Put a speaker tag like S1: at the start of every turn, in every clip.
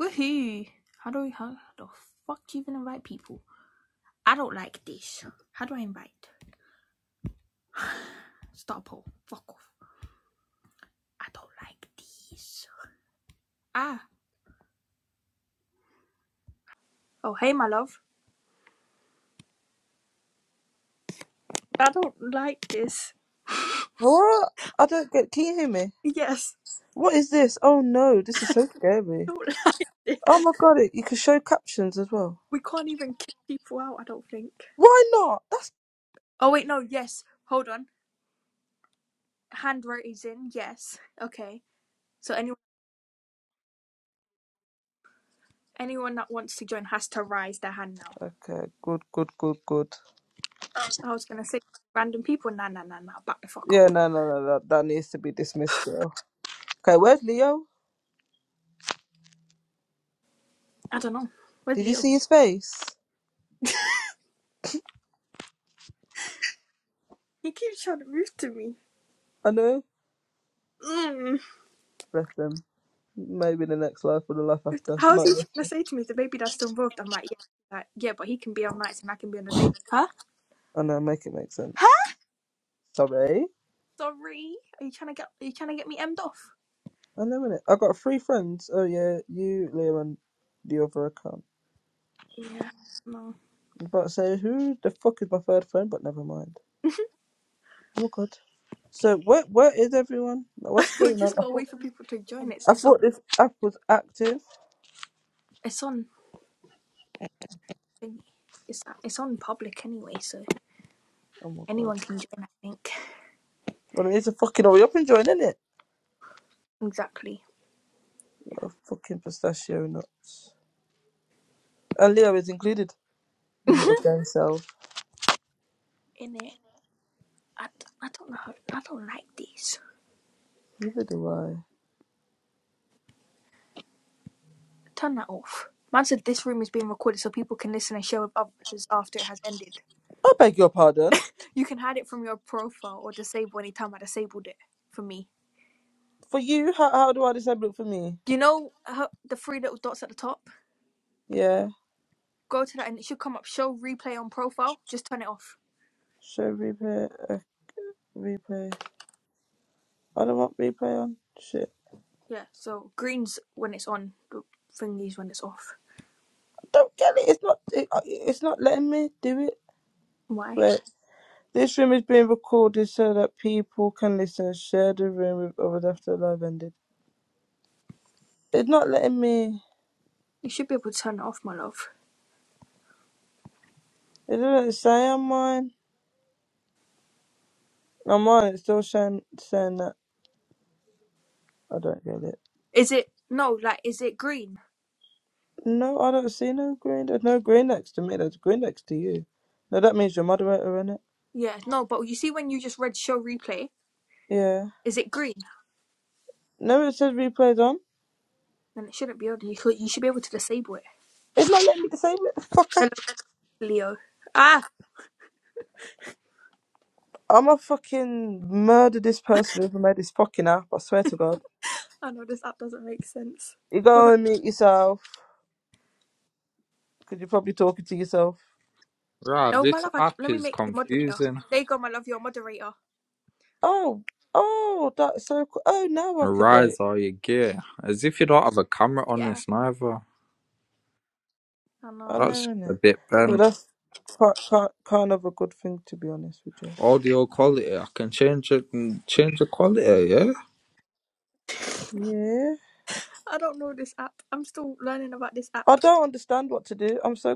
S1: Woohoo! How do we how the fuck even invite people? I don't like this. How do I invite? Stop poll. Fuck off. I don't like this. Ah. Oh hey my love. I don't like this.
S2: What I don't get. Can you hear me?
S1: Yes.
S2: What is this? Oh no, this is so
S1: I
S2: scary.
S1: Don't like this.
S2: Oh my god, it, you can show captions as well.
S1: We can't even kick people out, I don't think.
S2: Why not? That-
S1: Oh wait, no, yes. Hold on. Hand raise in, yes. Okay. So anyone anyone that wants to join has to raise their hand now.
S2: okay, good, good, good, good.
S1: I was gonna say random people, nah nah nah nah, back the fuck
S2: Yeah,
S1: up.
S2: no, no, no, that, that needs to be dismissed. Girl. Okay, where's Leo?
S1: I don't know. Where's
S2: Did you
S1: Leo?
S2: see his face?
S1: He keeps trying to move to me.
S2: I know.
S1: Mm.
S2: Bless him. Maybe the next life or the life after.
S1: How's
S2: Not
S1: he
S2: this.
S1: trying to say to me the baby dad's still involved? I'm like, yeah, like, yeah, but he can be on nights and I can be on the day. Huh?
S2: I know. Make it make
S1: Huh?
S2: sense. Sorry.
S1: Sorry. Are you trying to get? Are you trying to get me emmed off?
S2: I know innit? I got three friends. Oh yeah, you, Leo, and the other account.
S1: Yeah. No.
S2: I was about to say who the fuck is my third friend, but never mind. Oh God. So where where is everyone? Like, What's
S1: we
S2: going on?
S1: just
S2: I
S1: gotta
S2: thought
S1: wait for people to join. It's
S2: I
S1: it's on.
S2: thought this app was active.
S1: It's on. It's it's on public anyway, so
S2: Oh my God.
S1: anyone can join. I think
S2: Well, it needs to fucking hurry up and join, isn't it?
S1: exactly.
S2: fucking pistachio nuts. And Leo is included. With little
S1: In
S2: gang self.
S1: it, I I d- I don't know. how- I don't like these.
S2: Neither do I.
S1: Turn that off. Man said this room is being recorded so people can listen and share with others after it has ended.
S2: I beg your pardon.
S1: You can hide it from your profile or disable anytime I disabled it for me.
S2: For you, how, how do I disable it for me?
S1: You know how, the three little dots at the top?
S2: Yeah.
S1: Go to that and it should come up. Show replay on profile. Just turn it off.
S2: Show replay. Uh, replay. I don't want replay on. Shit.
S1: Yeah, so green's when it's on, the thingy's when it's off.
S2: I don't get it. It's not. It, uh, it's not letting me do it.
S1: Why?
S2: Wait. This room is being recorded so that people can listen and share the room with others after the live ended. It's not letting me.
S1: You should be able to turn it off, my love.
S2: It doesn't say on mine. On mine, it's still saying, saying that. I don't get it.
S1: Is it no, like is it green?
S2: No, I don't see no green. There's no green next to me. There's green next to you. No, that means you're moderator, innit?
S1: Yeah, no, but you see when you just read show replay,
S2: Yeah.
S1: is it green?
S2: No, it says replays on.
S1: Then it shouldn't be on. You should, you should be able to disable it.
S2: It's not letting me disable it.
S1: Hello, Leo. Ah,
S2: I'm gonna fucking murder this person who made this fucking app. I swear to God.
S1: I know this app doesn't make sense.
S2: You
S1: We're not
S2: go and meet yourself because you're probably talking to yourself.
S3: Right,
S1: Oh, my
S3: this
S1: love, I,
S3: app
S1: let me
S3: is
S1: make you moderator.
S3: confusing.
S1: There you go, my love, you're a moderator.
S2: Oh, oh, that's so cool. Oh, now I can
S3: Arise
S2: wait.
S3: all your gear. As if you don't have a camera on
S1: Yeah,
S3: this neither.
S1: I
S2: I
S1: know.
S3: That's just
S2: know,
S3: a
S2: innit?
S3: bit
S1: Let me-
S2: But
S3: bent.
S2: that's quite, quite, kind of a good thing, to be honest with you.
S3: Audio quality, I can change it and change the quality, yeah?
S2: Yeah.
S1: I don't know this app. I'm still learning about this
S2: I
S1: app.
S2: don't understand what to do. I'm so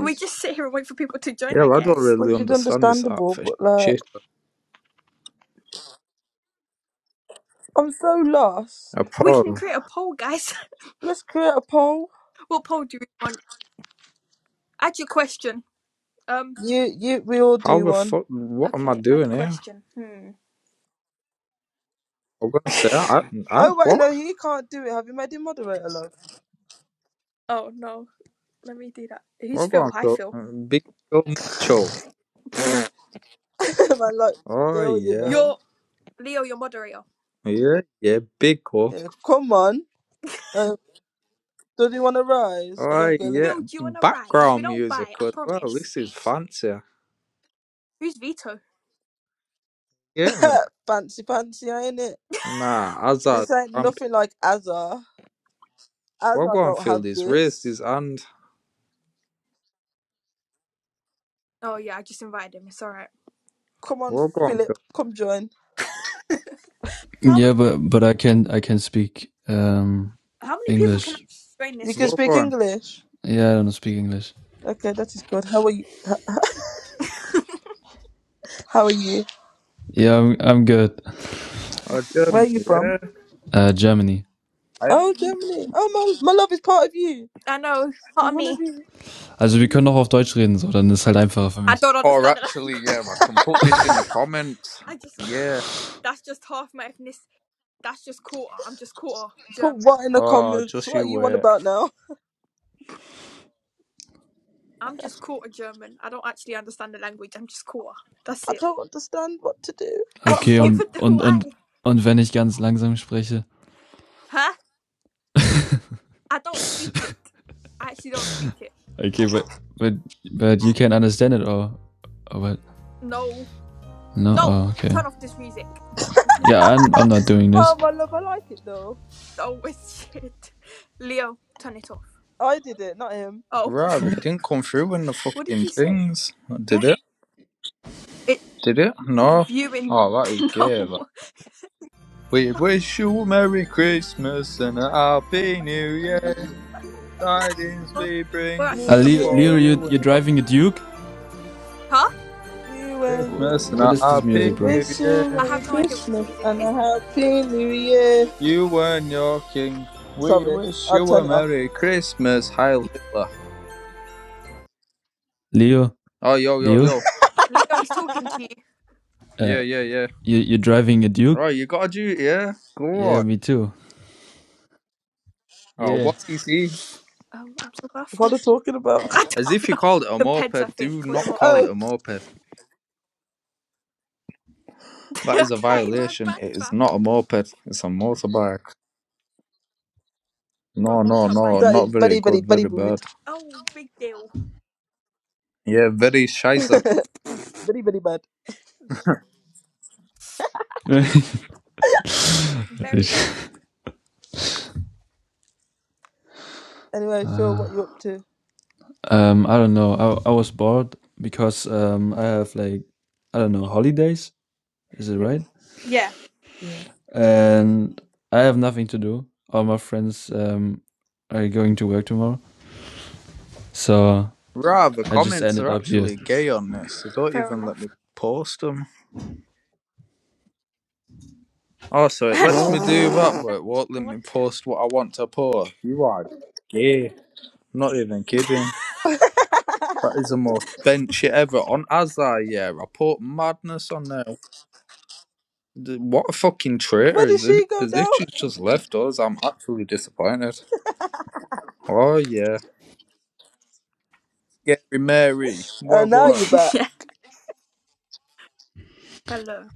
S1: We just sit here and wait for people to join, I
S3: Yeah, I don't
S1: guess.
S3: really
S2: which is
S3: understand this app
S2: understandable,
S3: for
S2: but like,
S3: shit.
S2: I'm so lost.
S3: Uh,
S1: We can
S3: Paul,
S1: create a poll, guys.
S2: Let's create a poll.
S1: what poll do we want? Add your question. Um,
S2: You, you, we all
S3: how
S2: do
S3: the
S2: one.
S3: fuck, what am I
S1: okay, add
S3: doing here?
S1: question. Hmm.
S3: I'm gonna say I, I,
S2: Oh, wait,
S3: what?
S2: no, he can't do it. Have you made him moderator, love?
S1: oh, no. Let me do that.
S3: We're
S1: Who's Phil?
S3: going
S1: Hi,
S3: to
S1: Phil.
S3: Big Bill Mitchell.
S2: Man, like,
S3: Oh
S2: Bill, you
S3: yeah.
S2: know.
S1: You're Leo, your moderator.
S3: Yeah, yeah, big up.
S2: Yeah, come on. Uh, does he want to rise? I don't
S3: Oh
S2: get
S3: yeah,
S1: Phil, do you want to rise? We
S3: background
S1: don't
S3: music
S1: bite, I
S3: as well.
S1: promise.
S3: This is fancy.
S1: Who's Vito?
S3: Yeah, man.
S2: it. fancy, fancy, ain't it?
S3: Nah, Hazard,
S2: This ain't
S3: um,
S2: nothing like Azar.
S3: we're
S2: Azar
S3: going to
S2: don't
S3: feel
S2: have
S3: this race, this
S2: this.
S3: and
S1: Oh, yeah, I just invited him. It's alright.
S2: Come on,
S3: we're going to
S2: Philip,
S3: feel,
S2: come join.
S4: Yeah, but but I can I can speak um
S1: How many people can
S4: English.
S1: I join
S2: You
S1: this
S2: can
S1: thing?
S3: we're
S2: speak
S3: going.
S2: English.
S4: Yeah, I don't speak English.
S2: Okay, that is good. How are you? How are you?
S4: Yeah, I'm, I'm good.
S3: Oh,
S2: Where
S3: Germany,
S2: are you from?
S3: yeah.
S4: Äh, Germany.
S3: I,
S2: Oh, Germany. Oh, my, my love is part of you.
S1: I know, part
S2: He's
S1: of
S2: one of
S1: me.
S2: you.
S4: Also wir können auch auf Deutsch reden, so dann ist halt einfacher für
S1: I
S4: mich.
S1: don't
S3: or
S1: understand the
S3: actually, yeah,
S1: language.
S3: I can put this in the comments.
S1: I just,
S3: Yeah.
S1: that's just half my ethnicity. That's just quarter. I'm just quarter
S2: Put
S1: German.
S2: what in the
S3: Oh,
S2: comments?
S3: just
S2: What are
S3: you
S2: you on
S3: wait.
S2: about now?
S1: I'm just quarter German. I don't actually understand the language. I'm just quarter. That's
S2: I
S1: it.
S2: don't understand what to do. What?
S4: Okay,
S2: So,
S4: und
S1: even do
S4: und und,
S1: I.
S4: und wenn ich ganz langsam spreche.
S1: Huh? I don't speak it. I actually don't speak it.
S4: okay, but but but you can understand it or or what?
S1: No.
S4: No,
S1: No.
S4: oh, okay.
S1: Turn off this music. This music is
S4: Yeah, I'm I'm
S1: shit.
S4: not doing
S2: oh,
S4: this.
S2: my love, I like it though.
S1: Oh, it's shit. Leo, turn it off.
S2: Oh, I did it, not him.
S1: Oh,
S3: Right,
S4: Uh,
S3: it didn't come through in the
S1: what did
S3: fucking
S1: you say?
S3: things. Did
S1: What?
S3: it?
S1: It
S3: Did it? No.
S1: viewing.
S3: Oh, that is
S1: no,
S3: gay, that. We wish you Merry Christmas and a Happy New Year. Tidings
S1: oh,
S3: we
S1: we're
S3: bring
S1: actually
S2: New
S1: got.
S4: Leo,
S3: for
S2: Year,
S4: Leo, you
S3: you and
S4: you're
S3: your
S4: driving a Duke?
S1: Huh?
S2: you and your
S4: Wh-
S3: Christmas and
S4: What
S3: a
S4: is this
S3: happy
S2: We
S4: music, bro?
S3: new
S2: wish you
S1: I
S3: year.
S2: Merry
S1: have no idea what this
S2: Christmas
S1: music
S2: and
S1: is.
S2: a Happy New Year.
S3: You and your king. We
S2: Sorry,
S3: wish
S2: I'll
S3: you a
S2: turn it off.
S3: merry Christmas, Heil Hitler.
S4: Leo,
S3: Oh, yo, yo,
S4: Leo,
S3: yo.
S1: Leo is talking to you.
S4: uh,
S3: Yeah, yeah, yeah.
S4: you you're driving a Duke?
S3: Right, you got a duty, yeah? Go
S4: Yeah,
S3: on.
S4: me too.
S3: Oh,
S4: Yeah.
S3: what's he see?
S1: Um, I'm so
S2: What are
S1: baffled.
S2: you talking about?
S1: I
S3: As if
S1: don't
S3: you
S1: know.
S3: called it a
S1: The Peds, I
S3: moped.
S1: think,
S3: Do
S1: or the
S3: not
S1: motorbike.
S3: call it
S2: oh,
S3: a moped. That is a
S1: okay, my
S3: violation.
S1: bad,
S3: It is
S1: fam.
S3: not a moped. It's a motorbike.
S1: Or a
S3: No, no, no.
S1: motorbike.
S2: that
S3: Not
S2: is
S3: very
S2: very, very,
S3: good.
S2: very
S3: Very
S2: rude.
S3: bad.
S1: Oh, big deal.
S3: Yeah, very shizer.
S2: Very, very bad.
S4: uh,
S1: Very, very.
S2: Anyway, Phil, what
S4: um,
S2: you up to?
S4: I don't know. I, I was bored because um, I have like I don't know holidays. Is it
S2: Yeah.
S4: right?
S1: Yeah,
S2: yeah.
S4: And I have nothing to do. All my friends um, are going to work tomorrow, so
S3: Rah, the
S4: I just
S3: comments
S4: ended
S3: are
S4: up here.
S3: actually gay on this. So don't
S1: fair
S3: even let
S1: enough.
S3: me post them. Also, it
S1: I
S3: lets
S1: know it
S3: me do
S1: doesn't
S3: that, but
S1: make
S3: it won't let me
S1: sense.
S3: post what I want to post. You are gay. I'm not even
S1: What?
S3: kidding. That is the most bent shit ever. On Azar, yeah, I put madness on there. What a fucking traitor
S2: Where did
S3: is this?
S2: she go
S3: As if
S2: now?
S3: she's just left us? I'm actually disappointed. Oh, yeah. Scary Mary.
S2: Oh, now you
S3: Wagwan.
S2: back.
S1: yeah. Hello.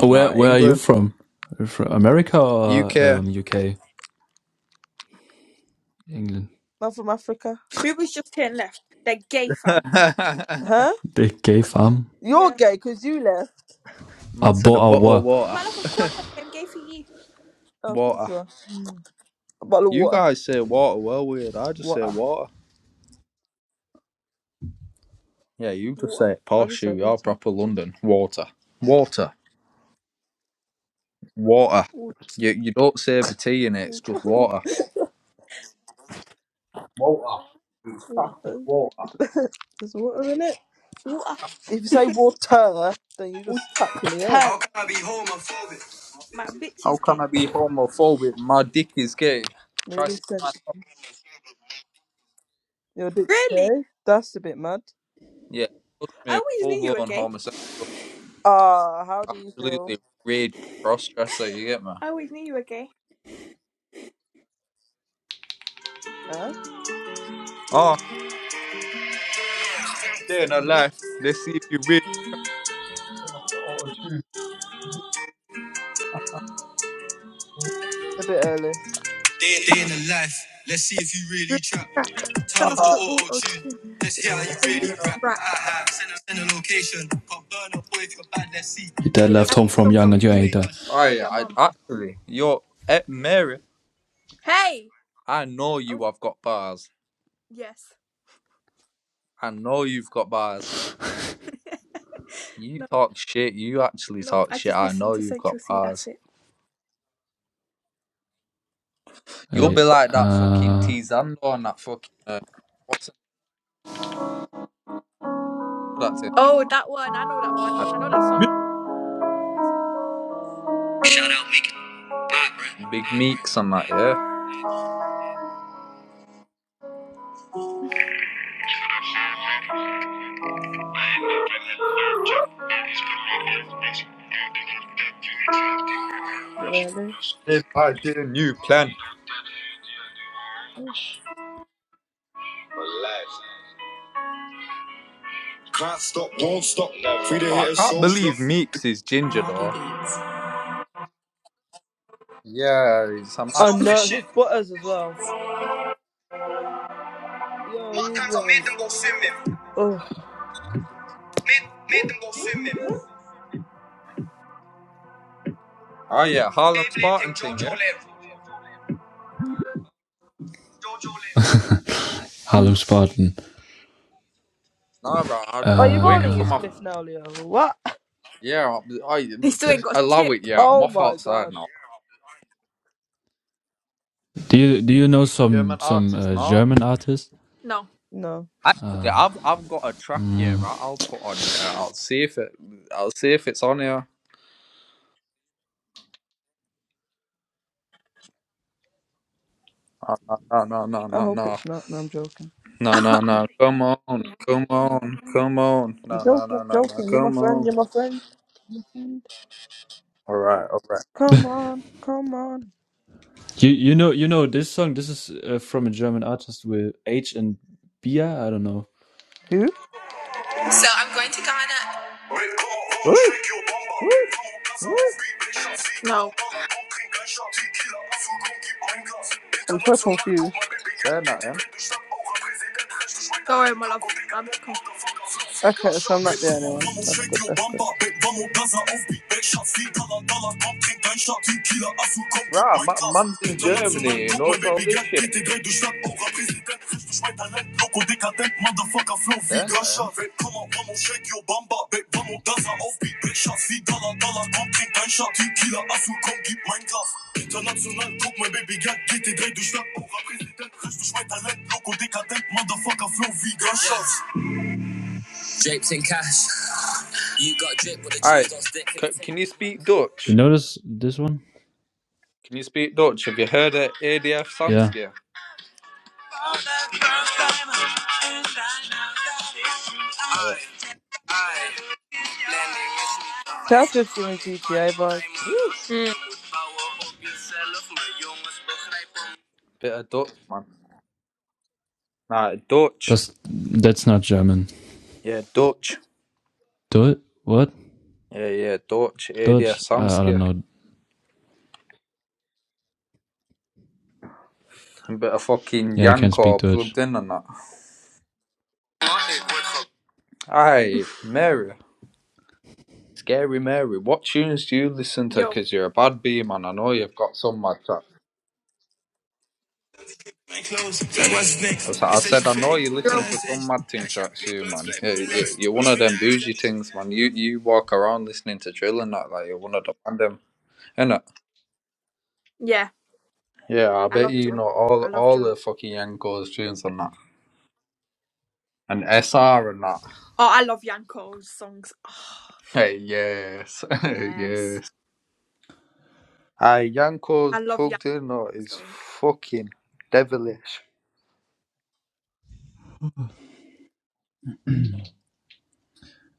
S4: Oh, Where
S3: Nah,
S4: Where are you
S3: England.
S4: from? You're From America
S3: UK.
S4: or um, UK? England.
S2: I'm from Africa.
S1: Who was just here and left? They're gay, fam.
S2: Huh?
S4: The gay farm.
S2: You're
S1: Yeah.
S2: gay because you left.
S3: Man said
S4: Abo
S3: a bottle of
S4: awa.
S3: water.
S1: My love, of course I became gay for you.
S2: Oh, of course
S3: Water.
S2: you are. A bottle of
S3: You
S2: water,
S3: guys say
S2: please.
S3: water well weird. I just say
S2: Water.
S3: water. Yeah, you just
S1: Water.
S3: say it,
S2: I
S3: posh
S2: just
S3: you,
S2: say
S3: you're
S2: water.
S3: proper London. Water. Water. Water.
S1: Water.
S3: You you don't say the tea in it, it's just water. Water. It's
S1: Water.
S3: fucking
S2: Oh,
S3: water.
S2: There's water in it.
S1: Water.
S2: If you say water, then you
S1: will
S2: just tapped in the head.
S1: turn. My bitch
S3: How
S1: is
S3: can
S1: gay.
S3: I be homophobic? My dick is gay. Try
S2: Maybe you
S3: see
S2: said
S3: man.
S2: you're a bit
S1: Really?
S2: gay. That's a bit mad.
S3: Yeah, trust
S1: I
S3: me,
S1: always
S3: full
S1: knew you were
S3: blown
S1: gay.
S3: homosexual.
S2: Ah, how do you
S3: Absolutely
S2: feel?
S3: raging cross dresser, you get me?
S1: I always knew you were gay.
S2: Huh?
S3: Oh, day in a life. Let's see if you really turn off the auto-tune.
S2: A bit early.
S1: Really crap. Turn off the auto tune. Yeah, you really rap.
S4: You dad
S1: Your
S4: left
S1: dad
S4: home from
S1: come
S4: young,
S1: from
S4: and you ain't done.
S3: Oh yeah,
S1: your
S3: I
S1: mum.
S3: actually you're at Mary
S1: Hey!
S3: I know
S1: Oh,
S3: you have got bars.
S1: yes.
S3: I know you've got bars. You
S1: no,
S3: talk shit. You actually
S1: nope.
S3: talk
S1: I
S3: shit.
S1: just
S3: I
S1: listened
S3: know
S1: to
S3: you've got
S1: Central C, that's
S3: bars.
S1: it.
S3: You'll
S4: Hey,
S1: Nope.
S3: be like that fucking
S4: uh,
S3: T Zando on that fucking uh, what's it called that thing?
S1: Oh, that one. I know that one.
S3: I-
S1: I know that song.
S4: Shout out Meek
S3: Big Meeks on that, yeah.
S2: Not early.
S3: If I did a new plan.
S4: Can't stop, won't stop. Free to
S3: But I
S4: hit a
S3: can't
S4: soul slot.
S3: believe Meeks is ginger though. Yeah, it's a mad
S2: Oh
S3: thing.
S2: no,
S3: man.
S2: his butters as well. Yo, he's wrong. Oh,
S3: Oh yeah, Harlem Spartan thing, yeah. Nah, bro, I,
S2: are
S3: I'm
S2: you
S3: waiting
S2: rolling
S3: for
S2: your
S3: my
S4: Uh,
S2: spliff now, Leo? What?
S3: yeah. I,
S1: he still
S3: I
S1: ain't got a
S3: allow it,
S1: chip.
S3: yeah. I'm
S2: Oh
S3: off
S2: my
S3: outside
S2: god.
S3: now.
S4: do you do you know
S3: German
S4: some some
S3: artist,
S4: uh,
S3: nah.
S4: German artists?
S1: No.
S2: No,
S3: Actually, I've I've got a track here. Right, I'll put on. Yeah, I'll see if it. I'll see if it's on here. Uh, No, no, no,
S2: I
S3: no,
S2: hope
S3: no,
S2: it's not. No, I'm joking.
S3: no, no, no. no, Come on, come on, come on.
S2: I'm
S3: No, no,
S2: joking.
S3: no,
S2: I'm
S3: no, no.
S2: joking. You're my
S3: Come
S2: friend.
S3: on.
S2: You're my friend. You're my friend.
S3: All right, all right.
S2: Come on, come on.
S4: You you know you know this song. This is uh, from a German artist with H and Bia. I don't know.
S2: Who?
S4: So I'm going to Ghana.
S3: Woo, woo, woo.
S1: no.
S2: I'm so
S4: International, guck,
S2: confused.
S3: They're not him.
S1: Sorry, my love. I'm confused.
S2: Okay, so I'm not the only
S4: mal,
S2: one. That's good. That's good.
S3: Right, ma- man's in Germany and knows all
S4: baby
S3: this shit.
S4: geht die Welt durch Stadt. Auch Präsident, Swipe and then loco decadent motherfucker flow
S3: They're not
S4: vegan shot
S3: him.
S4: Vape come on come on shake your bamba Babe come on dance a offbeat Big shot see dollar dollar komm trink ein Shot Die Kieler Ass und komm gib mein Glas International guck mein Baby Geld geht dir durch Stadt Eurer Präsident richtig mein Talent Loco decadent motherfucker flow vegan shot
S3: All right. C- can you speak
S4: You
S3: Dutch?
S4: notice this one?
S3: Can you speak Dutch? Have you heard of ADF
S4: Yeah,
S3: Samsky?
S2: That's just giving GTA vibes.
S1: Mm.
S3: Bit of Dutch, man. Nah, Dutch.
S4: that's that's not German.
S3: Yeah, Dutch.
S4: Do what?
S3: Yeah, yeah, Dutch area
S4: Dutch? I, I don't
S3: Samskia.
S4: know.
S3: A bit of fucking
S4: Yeah, I can't speak
S3: Yanko plugged
S4: Dutch.
S3: in and that. Aye, Mary. Scary Mary. What tunes do you listen to?
S1: Yo.
S3: Because you're a bad bee, man. I know you've got some, My man.
S4: Mein Klaus, sag was ist
S3: So
S4: nix
S3: I
S4: Ist echt
S3: said,
S4: ein
S3: I know
S4: Fake
S3: you listen
S4: oder
S1: Drill.
S3: to
S4: ist
S3: some mad thing tracks, you man. Yeah, yeah, You're one of them bougie things, man. You you walk around listening to drill and that, like you're one of the random, innit?
S1: Yeah.
S3: Yeah, I
S1: I
S3: bet
S1: love
S3: you
S1: drill.
S3: know all
S1: I love
S3: all
S1: drill.
S3: the fucking Yanko's tunes and that, and SR and that.
S1: Oh, I love Yanko's songs. Oh,
S3: Hey, yes,
S1: yes.
S3: yes. Aye,
S1: I
S3: Yanko's
S1: love
S3: plugged in
S1: Yanko's
S3: though
S1: songs
S3: is
S1: though.
S3: fucking devilish.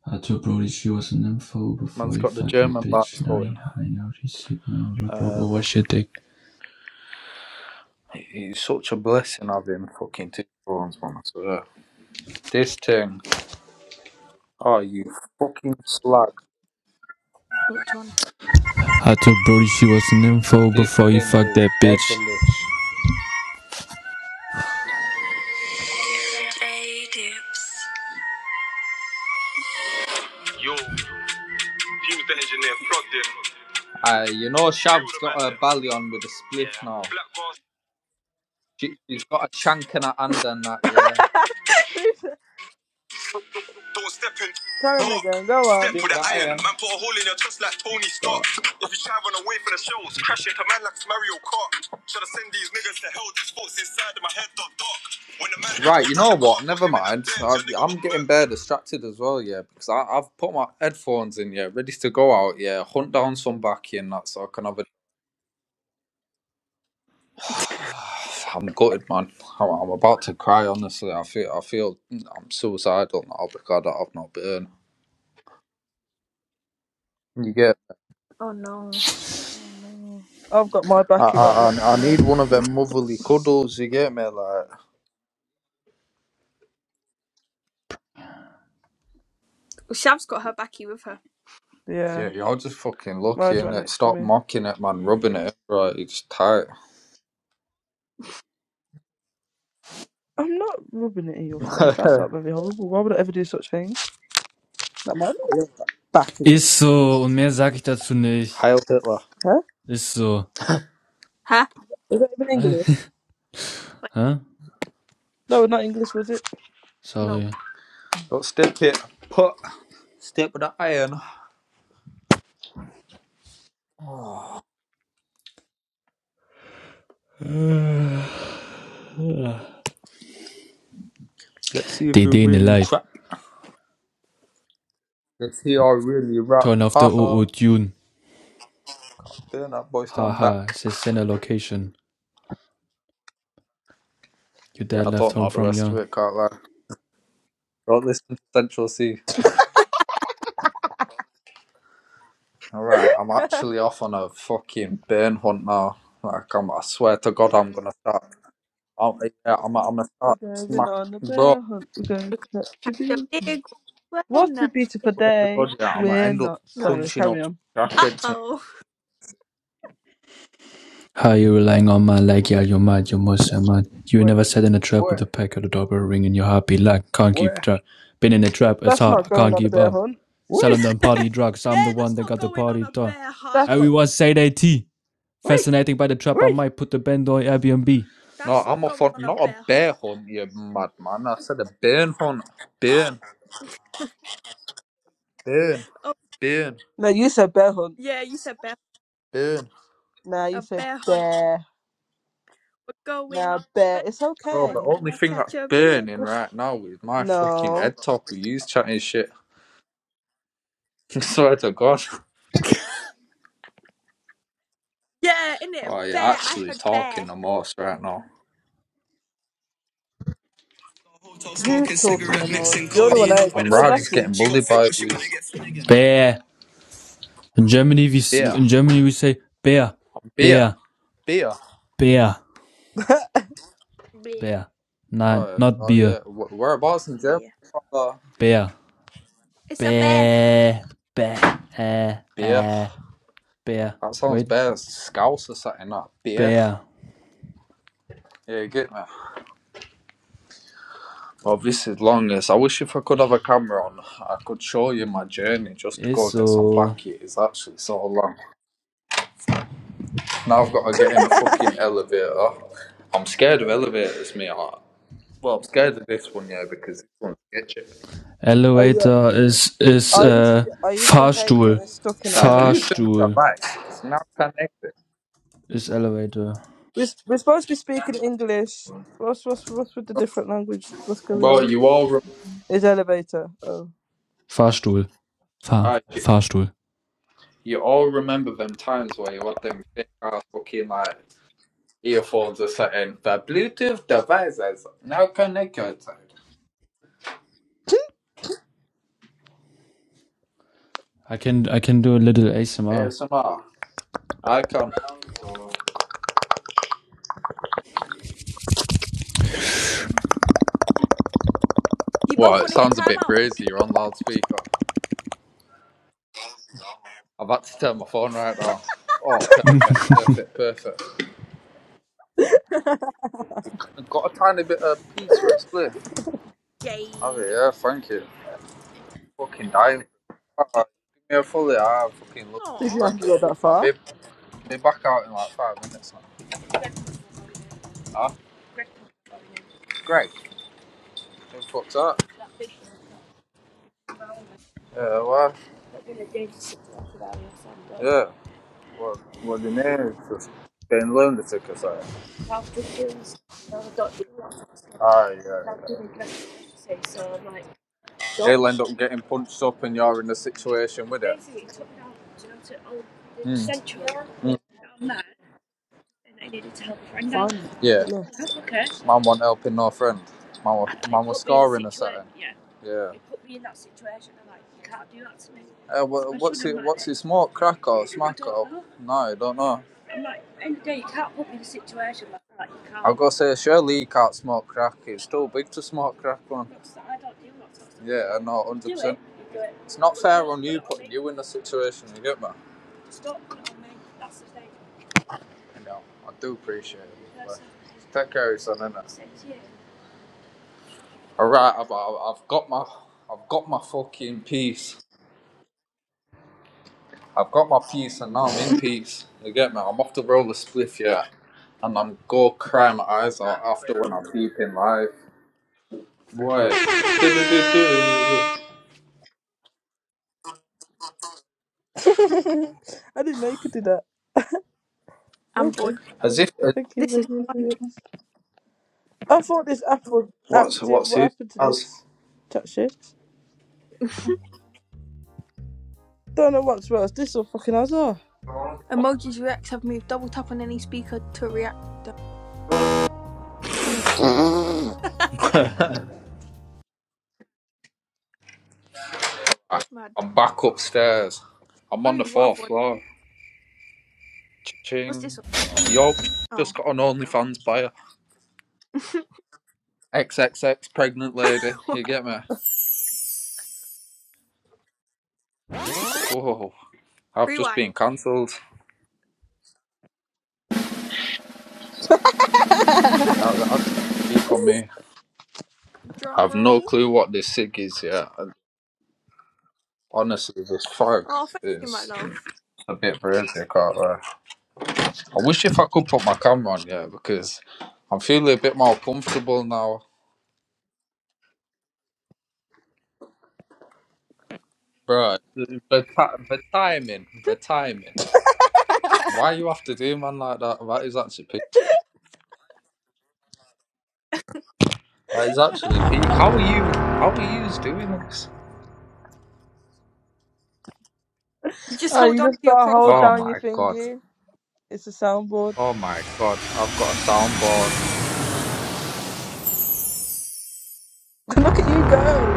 S4: Her body she was an info
S3: Man's
S4: before ihr
S3: got the
S4: fucked that
S3: German
S4: Bitch.
S3: bars
S4: Now he
S3: going.
S4: hiding out his signal. He broke
S3: Um,
S4: over shit dick.
S3: he- he's such a blessing having fucking two phones, man. So yeah, This thing. Oh, you fucking slag.
S1: Which one?
S4: Although Brody, she was an info
S3: This
S4: before
S3: thing
S4: he fucked
S3: is
S4: that bitch.
S3: devilish. Yo, fuse the engineer plugged in. Uh, you know, Feel has got her belly on with a spliff Yeah. now. She, she's got a shank in her hand and that, yeah.
S2: Please
S3: Don't step in
S2: tell him
S3: block.
S2: again. Go
S3: Step
S2: on.
S3: with an iron. Man put a hole in your chest like Tony Stark. If you try run away from the shells, crash into man like Mario Kart. Should have send these niggas to hell. These thoughts inside of my head dot dark. When the man Right, you know what? Never mind. I, I'm getting burnt. bare distracted as well, yeah, because I, I've put my headphones in, yeah, ready to go out, yeah, hunt down some backy and that, so I can have a. I'm gutted, man. I'm, I'm about to cry. Honestly, I feel I feel I'm suicidal now because I don't have no burn. You get
S1: Oh no.
S2: Oh no. I've got my
S3: I,
S2: backy right
S3: I,
S2: next
S3: I I
S2: to
S3: need
S2: me.
S3: one of them motherly cuddles, you get me? Like,
S1: Shav's got her backy with her.
S2: Yeah.
S3: yeah, you're just fucking lucky,
S2: Miles right
S3: innit?
S2: next to
S3: Stop
S2: me.
S3: mocking it, man, rubbing it, right? It's tight.
S2: I'm not rubbing it in your face. That's not
S3: Heil
S2: very horrible. Why would I ever do such thing? Not my fault. you're a
S4: Ist so, und mehr sag ich dazu nicht.
S3: Hitler.
S2: Huh?
S4: Ist so.
S1: Huh?
S2: Is that even English?
S1: Wait,
S4: Hä?
S2: No, not English, was it?
S1: no.
S4: Sorry.
S3: Don't step it, put, step with the iron. Let's see if you
S4: DD in the
S3: really
S4: life.
S3: trap. Let's see how you really rap.
S4: Turn off the O
S3: Haha.
S4: O tune.
S3: Burn that boy, stand
S4: Haha,
S3: back.
S4: it's a center location. Your
S3: Yeah,
S4: dad
S3: I
S4: left
S3: don't know
S4: home
S3: the
S4: from
S3: rest
S4: young.
S3: of it, can't lie. Don't listen to Central C. Alright, I'm actually off on a fucking burn hunt now. Like, I'm, I swear to God, I'm gonna start. I'm, yeah, I'm, I'm gonna
S2: We're
S3: start
S2: going
S3: smack,
S2: on a
S3: bro. I
S2: bear hunt. We're going
S1: Look
S2: to catch a
S1: at
S2: bear.
S1: big one. We're
S2: What a
S1: not,
S2: beautiful
S3: swear to God,
S2: day.
S3: yeah, I'm gonna
S2: We're
S3: end up
S2: not.
S1: not
S2: Sorry,
S3: punching
S1: scared.
S3: up
S2: carry on.
S3: some
S1: Uh
S3: crackheads, mate.
S1: oh.
S4: How are you relying on man like y'all you mad you must a mad You were
S3: Wait,
S4: never set in a trap
S3: wait,
S4: with a pack of the double ring in your happy luck can't
S3: wait,
S4: keep track Been in a trap it's
S2: That's
S4: hard I
S2: not going
S4: can't
S2: on a
S4: keep
S2: bear
S4: up
S2: hunt.
S3: wait,
S4: Selling them party drugs I'm the
S1: Yeah,
S4: one
S1: that's
S4: that
S1: not
S4: got the
S1: going on
S4: party
S1: a
S4: done
S1: bear hunt.
S2: That's not.
S4: Everyone say they tea
S3: wait,
S4: Fascinating by the trap I
S3: wait.
S4: might put the bend on Airbnb
S3: No,
S1: That's
S3: I'm
S1: not
S3: off
S1: going
S3: on
S1: on a
S3: not a
S1: bear hunt.
S3: bear hunt, you madman. I said a burn hunt. Burn, burn,
S1: Oh,
S3: burn,
S2: No, you said bear hunt.
S1: yeah, you said bear.
S3: burn.
S2: Nah, you
S1: A
S2: said
S1: bear hunt.
S2: bear.
S1: We're going
S2: Nah,
S1: on a bear
S2: bear. It's
S1: hunt.
S3: Bro,
S1: We're
S3: the
S2: okay.
S3: only
S1: gonna
S3: thing
S1: catch
S3: that's
S1: a big
S3: burning
S1: one.
S3: right now is my fucking
S2: No.
S3: head top with you chatting shit. I swear to God.
S1: Yeah, innit?
S3: Oh, you're
S1: Bear. I
S3: actually
S1: heard
S3: talking
S1: bear.
S3: the most right now.
S1: I heard
S2: Who's
S1: bear.
S2: talking the most? You're the one that ain't got
S3: I'm
S2: no
S3: right, just getting
S2: backing.
S3: bullied by you.
S4: Bear In Germany we
S3: Beer,
S4: in Germany we say bear
S3: beer,
S4: bear
S3: beer.
S4: bear
S1: Bear.
S4: bear Nein
S3: Alright,
S4: not
S3: oh
S4: beer
S3: yeah. Wh- Whereabouts in Germany
S1: Bear.
S3: you from the
S4: bear
S1: It's a bear.
S4: Bear, bear, eh,
S3: Beer?
S4: eh, bear.
S3: That sounds
S4: Wait,
S3: better. Scouse or something like Beer.
S4: bear
S3: Yeah, you get me. Well, this is long as I wish if I could have a camera on, I could show you my journey just to
S4: ist
S3: go get some
S4: so.
S3: back. It is actually so long. Now I've got to get in a fucking elevator. I'm scared of elevators, mate. I- Well, I'm scared of this one, yeah, because this one's sketchy.
S2: Are you
S4: Elevator
S2: actually?
S4: ist ist
S2: I used to
S4: äh,
S2: get, I used to hate
S4: Fahrstuhl.
S2: getting stuck in an
S3: That Bluetooth
S2: elevator.
S4: Fahrstuhl
S3: device is not connected.
S4: ist Elevator.
S2: We're, s- we're supposed to be speaking English. What's what's what's with the different language? What's going on?
S3: Well, you all.
S2: Is elevator? Oh,
S4: Fahrstuhl. Fahr
S3: Alright,
S4: Fahrstuhl.
S3: you all remember them times where you had them thick ass fucking like earphones or something. The Bluetooth devices now connected to
S4: I can I can do a little ASMR.
S3: ASMR icon.
S1: You
S3: Well,
S1: both
S3: it
S1: want to hit
S3: sounds a bit
S1: timeout?
S3: brazy. You're on loudspeaker. I've had to turn my phone right now. Oh, perfect, perfect, perfect. I've got a tiny bit of peace for a spliff. Have
S1: Gay.
S3: it, yeah, thank you. Fucking dying. Oh, give me a fully. I fucking love you.
S2: did
S1: Aw.
S2: you have
S3: Thank
S2: to
S3: you.
S2: go that
S3: I'll
S2: far?
S3: be, be back out in like five minutes now. Ah, great. Who fucked up? Yeah, why? Yeah. Well, well, the man is been lunatic or something. Ah, yeah, That yeah. not He'll end up getting punched up, and you're in a situation with it. Mm. Mm.
S2: Fine.
S3: Yeah.
S2: no.
S3: Mum wasn't helping her friend. Mum, wa- mum was scarring or something. Yeah. and Uh, wha- what's should it? What's it? Smart crack or smack or? No, don't know. I gotta say, surely you can't smoke crack. It's too big to smoke crack, man. stuff. Yeah, I know, one hundred percent. It's not fair on you putting you in the situation. You get me? You know, I do appreciate it. But take care of your son, innit? All right, I've, I've I've got my I've got my fucking peace. I've got my peace, and now I'm in peace. You get me? I'm off to roll the spliff, yeah, and I'm go cry my eyes out after when I'm deep in life. Boy, do do do do.
S2: I didn't know you could do that.
S1: I'm bored.
S2: Okay,
S3: As if uh,
S2: thank you,
S1: This is
S2: thank you.
S1: fun.
S2: Thank you. I thought this app was
S3: what's
S2: active.
S3: what's
S2: What
S3: this?
S2: happened to
S3: As
S2: this chat shit? Don't know what's worse, this or fucking Azar.
S1: Emojis reacts have moved double tap on any speaker to react.
S2: Oh,
S3: I-
S1: Mad.
S3: I'm back upstairs. I'm on the
S1: Ooh, what other
S3: fourth
S1: one?
S3: floor.
S1: What's this
S3: Ching.
S1: one?
S3: Yo, just
S1: Oh,
S3: got an
S1: there we
S3: OnlyFans buyer. XXX pregnant lady.
S1: go.
S3: You get me? Whoa, I've just been
S1: Rewind.
S3: cancelled. That, that's the peak on me.
S1: Drum
S3: I've no
S1: roll.
S3: clue what this SIG is yet. And Honestly, this fog
S1: Oh, thank you, my
S3: is
S1: love.
S3: a bit crazy. I can't lie. I wish if I could put my camera on, yeah, because I'm feeling a bit more comfortable now. Bro, the, the, ti- the timing, the timing. Why you have to do man like that? That is actually peak. That is actually peak. How are you? How are you doing this?
S1: Just hold
S2: you
S1: on to
S2: just
S1: your
S2: gotta hold
S1: profile.
S3: Oh
S2: down your
S3: my god.
S2: thingy. It's a soundboard.
S3: Oh my god. I've got a soundboard.
S2: Look at you go.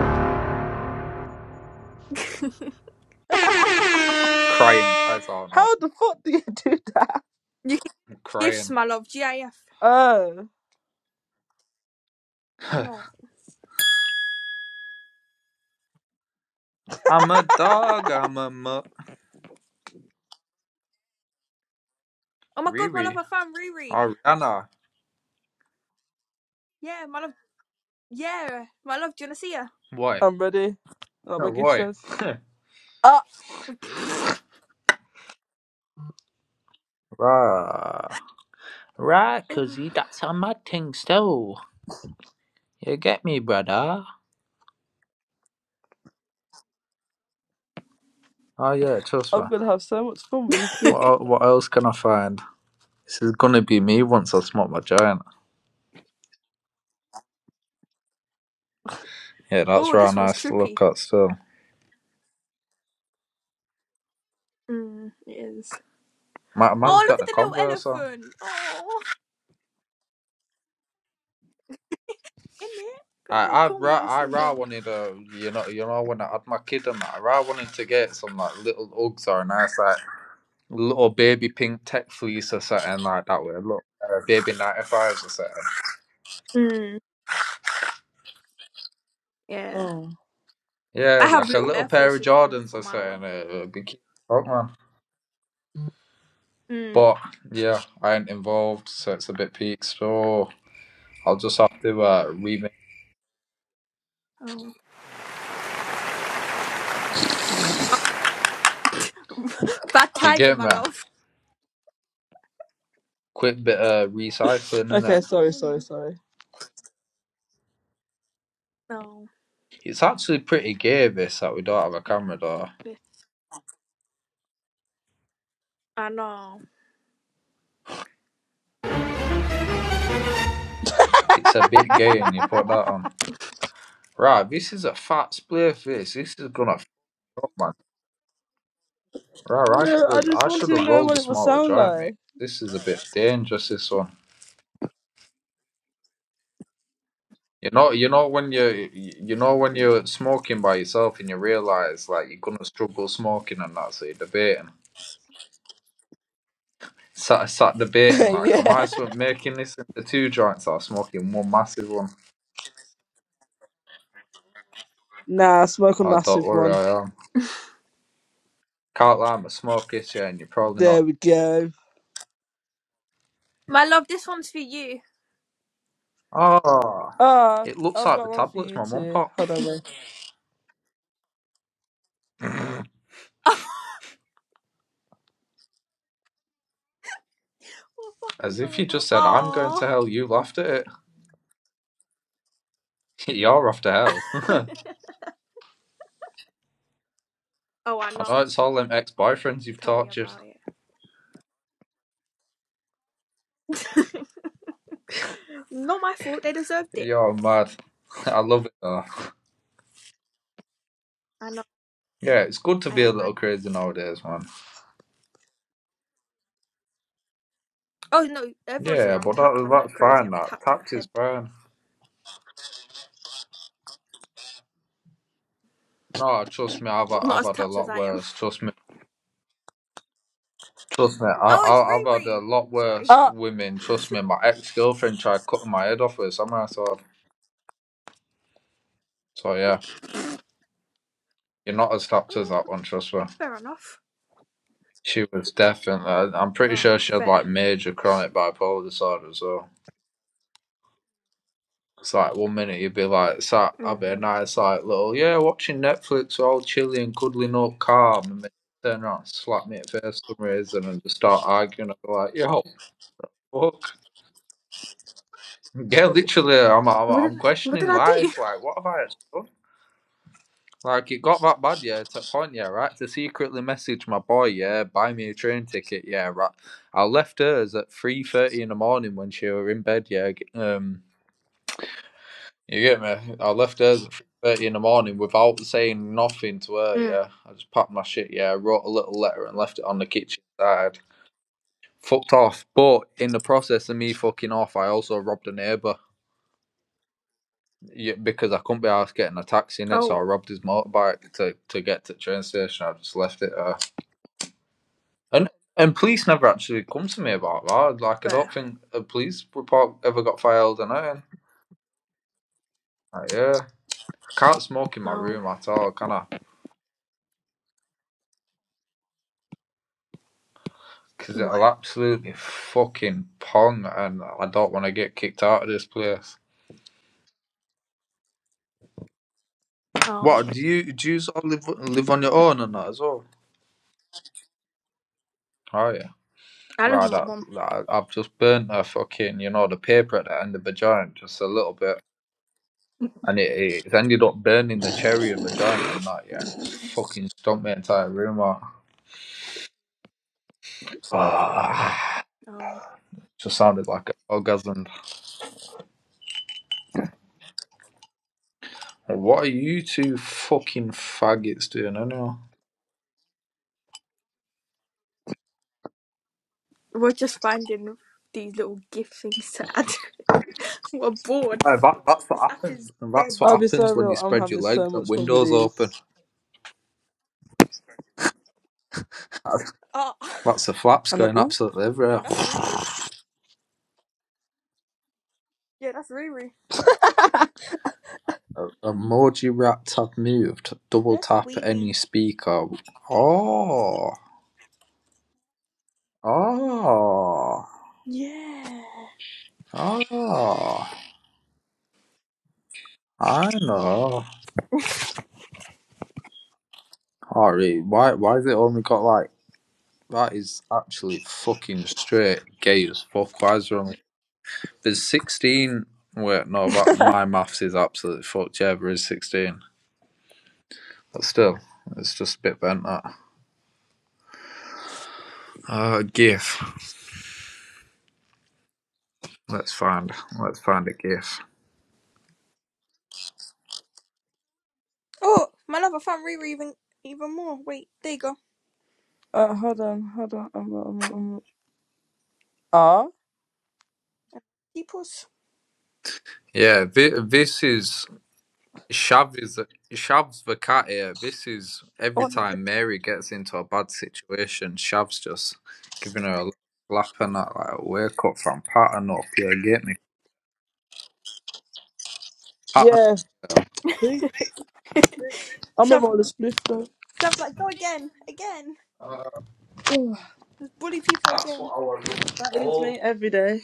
S3: Crying my eyes out now.
S2: How the fuck do you do that?
S1: You can
S3: I'm
S1: get gifts,
S3: crying.
S1: my love. GIF.
S2: Oh,
S1: No.
S3: I'm a dog. I'm a mu.
S1: Oh my god, my love,
S3: Riri.
S1: I found Riri.
S3: Ariana.
S1: Yeah, my love. Yeah, my love. Do you wanna see her?
S3: Why?
S2: I'm ready. Like my
S3: Oh,
S2: gift
S3: why?
S2: says. Ah,
S3: Rah. Right, cuzzy. That's a mad thing still. You get me, brother? Oh, yeah, trust me.
S2: I'm gonna have so much fun with these
S3: What,
S2: gifts.
S3: el- what else can I find? This is gonna be me once I smoke my giant. Yeah, that's
S1: oh,
S3: right
S1: this one's
S3: nice to
S1: trippy.
S3: look at still.
S1: Mm, it is.
S3: My man's
S1: Oh, look
S3: got
S1: at
S3: the
S1: the little
S3: Converse on.
S1: elephant. Oh, in it. Got the
S3: I
S1: little
S3: I ra I
S1: Converses
S3: ra
S1: on.
S3: wanted uh you know you know when I had my kid and that I ra wanted to get some like little Uggs or a nice like little baby pink tech fleece or something like that with a little pair of baby 95s or something.
S1: Mm, yeah.
S2: Oh.
S3: Yeah,
S1: I have
S3: like a
S1: little
S3: little
S1: Air
S3: pair of
S1: Forces for
S3: Jordans
S1: for
S3: or
S1: my
S3: something.
S1: one.
S3: It would be cute. Oh, man.
S1: Mm.
S3: But yeah, I ain't involved, so it's a bit peak. So I'll just have to uh, remake.
S1: Oh. Bad
S3: You
S1: timing,
S3: get
S1: my
S3: me?
S1: love.
S3: Quick bit of recycling, innit?
S2: Okay,
S1: Wrong
S2: sorry, sorry,
S1: timing.
S2: sorry.
S1: No.
S3: It's actually pretty gay, this, that we don't have a camera, though.
S1: This, I know.
S3: It's a bit gay, and you put that on. Right, this is a fat spliff, this. This is gonna f up, man. Right, I should
S2: No, I
S3: have
S2: just
S3: I
S2: want
S3: should
S2: to
S3: have
S2: know
S3: rolled a
S2: what it will
S3: smaller
S2: sound
S3: giant,
S2: like.
S3: mate. This is a bit dangerous. This one, you know, you know when you you know when you're smoking by yourself and you realize like you're gonna struggle smoking and that, so you're debating, sat sat debating like, am
S2: yeah.
S3: I sm- making this into two joints or smoking one massive one?
S2: Nah, smoke a
S3: Oh, don't
S2: massive
S3: worry,
S2: one.
S3: I am. Can't lie, I'm a smoker, yeah, and you're probably not.
S2: There we go.
S1: My love, this one's for you.
S3: Oh,
S2: Ah,
S3: it looks
S2: I've
S3: like the
S2: got one for
S3: tablets
S2: you
S3: my mum
S2: too.
S3: popped.
S2: Hold on, wait.
S1: We're
S3: As
S1: fucking
S3: if
S1: going
S3: you
S1: home.
S3: just said, "I'm going to
S1: Oh.
S3: hell," you laughed at it. You're off to hell.
S1: Oh, I
S3: I know
S1: know.
S3: it's all them ex-boyfriends you've
S1: Tell me
S3: tortured.
S1: about it. Not my fault. They deserved it.
S3: You're mad. I love it though.
S1: I know.
S3: Yeah, it's good to
S1: I
S3: be a
S1: am mad.
S3: little crazy nowadays, man.
S1: Oh, no. Everyone says
S3: Yeah,
S1: I'm
S3: but
S1: tapped.
S3: that,
S1: I'm not
S3: that's
S1: crazy.
S3: fine.
S1: I'm
S3: That
S1: tapped in the
S3: tapped is
S1: head.
S3: fine. No, trust me, I've
S1: Not
S3: I've
S1: as
S3: had a
S1: tapped as
S3: lot
S1: I am.
S3: worse. Trust me, trust me, I,
S1: Oh, it's
S3: I I've had a
S1: Riri.
S3: lot
S1: Sorry.
S3: worse
S2: Ah,
S3: women. Trust me, my ex girlfriend tried cutting my head off with a samurai sword. So yeah, you're not as tapped as
S1: Oh,
S3: that one. Trust me,
S1: fair enough.
S3: she was definitely. I'm pretty
S1: Oh,
S3: sure she had
S1: fair.
S3: like major chronic bipolar disorder. So It's like one minute you'd be like sat having a
S1: Mm.
S3: nice like little yeah watching Netflix all chilly and cuddling up calm and then turn around and slap me at face for some reason and just start arguing. I'd be like yo fuck yeah literally I'm I'm,
S1: What did
S3: I'm
S1: I, What
S3: questioning
S1: did I do?
S3: life like what have I actually done? Like it got that bad yeah to a point yeah right to secretly message my boy yeah buy me a train ticket yeah right I left hers at three thirty in the morning when she were in bed yeah g- um You get me? I left hers at three thirty in the morning without saying nothing to her.
S1: Mm.
S3: Yeah, I just packed my shit. Yeah, I wrote a little letter and left it on the kitchen side. Fucked off. But in the process of me fucking off, I also robbed a neighbour yeah, because I couldn't be asked getting a taxi in it, so I
S1: Oh,
S3: robbed his motorbike to to get to the train station. I just left it there. And and police never actually come to me about that. Like I
S1: fair.
S3: don't think a police report ever got filed or anything. Like, yeah, I can't smoke in my
S1: Oh,
S3: room at all, can I? because it'll
S1: why?
S3: absolutely fucking pong, and I don't want to get kicked out of this place.
S1: Oh,
S3: What do you do? You sort live live on your own and that as well. Oh yeah,
S1: I love
S3: right.
S1: my
S3: I,
S1: mum.
S3: I, I've just burnt a fucking, you know, the
S1: Yeah.
S3: paper at the end of the joint just a little bit, and it, it's ended up burning the cherry of the joint and that. Yeah, and it's fucking stumped my entire room out. Ah,
S1: Oh,
S3: just sounded like an orgasm. What are you two fucking faggots doing anyway?
S1: we're just finding these little gift things to add. we're bored.
S3: Uh, that, that's what
S1: This app is
S3: happens, and that's what
S1: dead.
S2: I'll be so
S3: happens when you
S2: real. I'm
S3: spread your
S2: having so
S3: legs and
S2: much fun with
S3: windows
S2: these.
S3: open. That's,
S1: Ah,
S3: the flaps
S2: And
S3: going
S2: oh,
S3: absolutely
S1: no,
S3: everywhere.
S1: that's Riri. Yeah, that's Riri.
S3: A- Emoji wrap tab moved. Double
S1: That's
S3: tap
S1: Wee
S3: any
S1: Wee.
S3: speaker. Oh, oh,
S1: Yeah.
S3: oh! I know. Ari, why, why has it only got like that? Is actually fucking straight gay as fuck. Why is there only there's sixteen? Wait, no, that my maths is absolutely fucked. Yeah, there is sixteen. But still, it's just a bit bent that. Uh, GIF. Let's find. Let's find a GIF.
S1: Oh, my love, I found Riri even even more. Wait, there you go.
S2: uh, hold on, hold on. I'm, I'm, I'm, ah.
S1: Deep pause.
S3: Yeah, thi- this is Shav is Shav's the cat here. This is
S2: I
S3: every
S2: want
S3: time
S2: to-
S3: Mary gets into a bad situation, Shav's just giving her a little slap and that like wake up from pattern up. Yeah, get me pattern.
S2: Yeah.
S3: up."
S2: T- Please. I'm a roller spliff though.
S1: So I was like, go again, again. Bully people
S3: That's
S1: again.
S3: what I want. to
S2: That is
S3: Oh,
S2: me every day.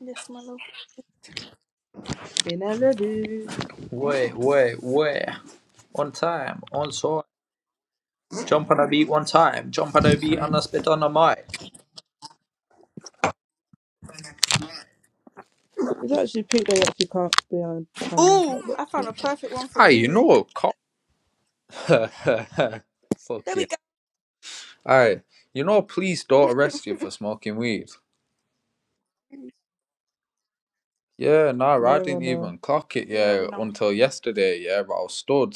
S1: Yes, my love.
S2: In Malibu.
S3: wait, wait, wait. One time, on song. Jump on a beat one time. Jump on a beat and a spit on a mic.
S2: It's actually peak day actually can't be on camera.
S1: Oh,
S2: Like, what
S1: I found
S2: the-
S1: a perfect one for
S3: Hey, you
S1: Ruru.
S3: know, Con
S1: There
S3: Fucking.
S1: we go.
S3: Alright, you know, police don't arrest you for smoking weed. Yeah, nah,
S2: Yeah,
S3: I
S2: I
S3: didn't
S2: know.
S3: even clock it,
S1: yeah,
S3: yeah,
S1: we know.
S3: until yesterday, yeah, but I was stood.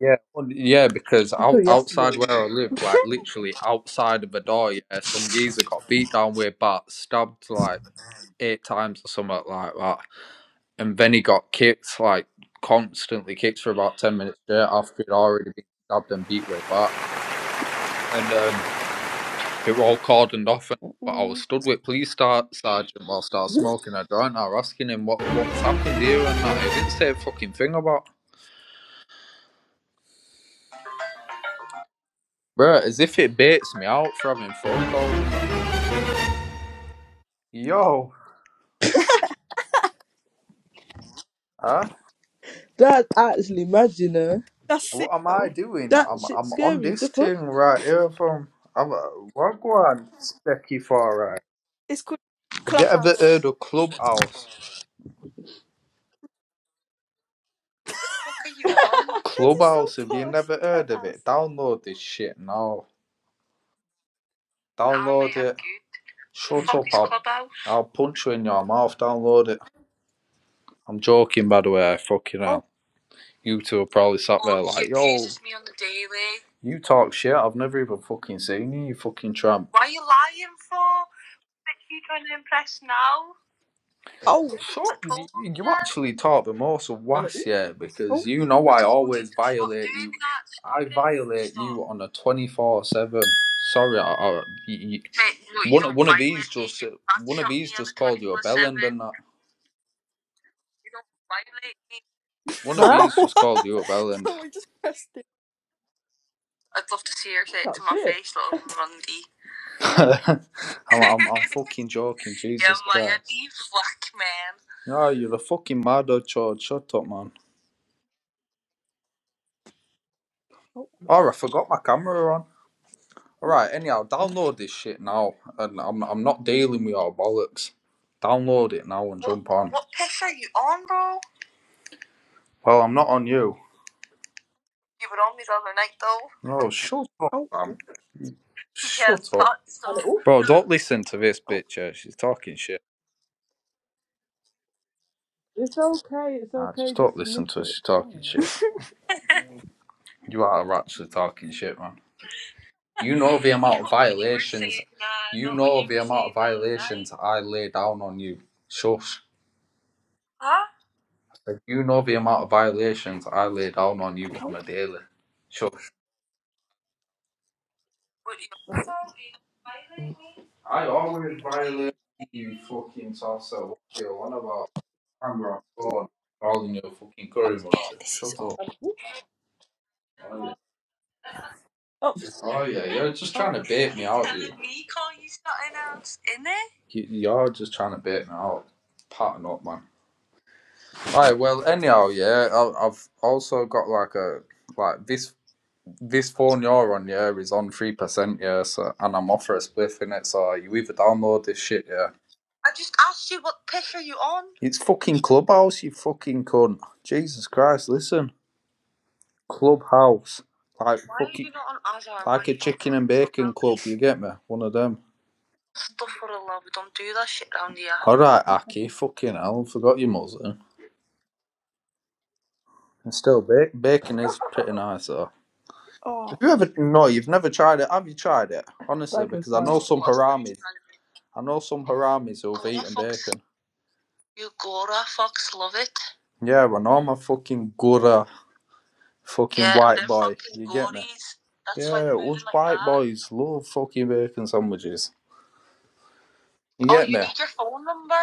S3: Yeah, well, yeah, because
S2: Until
S3: out,
S2: yesterday,
S3: outside
S2: you
S3: where
S2: know.
S3: I live, like literally outside of the door, yeah, some geezer got beat down with bats, stabbed like eight times or something like that, and then he got kicked, like constantly kicked for about 10 minutes straight after he'd already been stabbed and beat with a bat. And um, It were all cordoned off, and, but I was
S2: Mm.
S3: stood with police star, sergeant whilst I was smoking a joint. I was asking him what what's happened here and that. He didn't say a fucking thing about. Bro, as if it baits me out for having phone calls and that. Yo, huh?
S2: That actually mad, you know.
S1: That's sick
S3: What am I
S1: though.
S3: doing?
S2: That
S3: I'm
S2: shit's
S3: I'm on
S2: scary.
S3: this
S2: The fuck?
S3: thing right here from. I'm uh, what go on, Specky for right?
S1: It's called
S3: Have you ever
S1: Clubhouse.
S3: heard of Clubhouse?
S1: That is so
S3: Clubhouse. Have you
S1: posh.
S3: never heard of it?
S1: Clubhouse.
S3: Download this shit now. Download it. Shut up, I'll, I'll punch you in your mouth, download it. I'm joking, by the way, fucking
S1: Oh,
S3: hell. You two are probably sat there Oh, like, yo, me on the daily. you talk shit, I've never even fucking seen you, you fucking tramp. Why are you lying for? What Are you trying to impress now?
S1: oh,
S3: So y- you actually taught them all some
S2: And
S3: was
S2: ooh,
S3: yeah,
S1: oh.
S3: because you know I always violate you. I violate you on a twenty four seven. Sorry, I, I, y- y- one of- one of these just one of these just called you a bellend and that. One of
S2: huh?
S3: these just called you a
S1: No,
S3: bellend.
S1: no we just pressed it.
S3: I'm, would love to to see her say it to
S2: That
S3: my
S2: shit.
S3: face, little Rundy.
S1: Oh,
S3: I'm, I'm I'm fucking joking, Jesus yeah, man, Christ. anti-black man. No, you're a fucking maddo, George. Shut up, man. Oh, I forgot my camera on.
S1: oh, oh,
S3: Alright, anyhow,
S2: That
S3: download this shit now. And I'm I'm not dealing with your bollocks. Download it now and jump on. What piss are you on, bro? Well, I'm not on you. You were on me the other night, though. Oh, shut up,
S1: oh,
S2: shit.
S3: man. Shut Yeah, up. so-
S2: And ooh,
S3: Bro, don't listen to this
S1: oh.
S3: bitch. yeah, She's talking shit.
S2: it's okay. It's
S3: Ah, just
S2: okay.
S3: don't
S2: Just admit
S3: listen to her.
S2: it.
S3: She's
S2: It's
S3: talking
S2: fine.
S3: shit. You are actually talking shit, man. You know the amount of violations. You know the amount of violations I lay down on you. Shush. Huh? Like, you know the amount of violations I lay down on
S1: Oh,
S3: you
S1: no,
S3: on a daily. Sure.
S2: And ooh,
S3: I always violate you fucking salsa. What do you want about? I'm on phone. Calling you a fucking curry muncher.
S1: This is
S3: Shut
S1: oh,
S3: up. Oh yeah,
S2: oh,
S3: Oh, yeah, you're just
S1: oh,
S3: trying to bait me out. You. You- You're just trying to bait me out. Pattern up, man. Alright, Well, anyhow, yeah. I- I've also got like a like this. this phone you're on, yeah, is on three percent, yeah. So and I'm off for a spliff in it, so you either download this shit, yeah. I just asked you what piss are you on? It's fucking Clubhouse, you fucking cunt. Jesus Christ, listen, Clubhouse, like Why fucking, are you not on Azar? like a chicken and bacon club. You get me? One of them. Stuff for a love, we don't do that shit round here. All right, Aki, fucking hell, forgot your muzzle. And still, ba- bacon is pretty nice though.
S1: oh,
S3: If you ever no, you've never tried it. Have you tried it? Honestly,
S2: like it's
S3: because I
S2: fine.
S3: know some haramis. I know some haramis who've Gora eaten fox. bacon. You Gora fox love it. Yeah, I know I'm a fucking Gora, fucking Yeah, white boy. fucking you Gories. get me? That's yeah, us like white that. boys love fucking bacon sandwiches. You oh, get you me? need your phone number.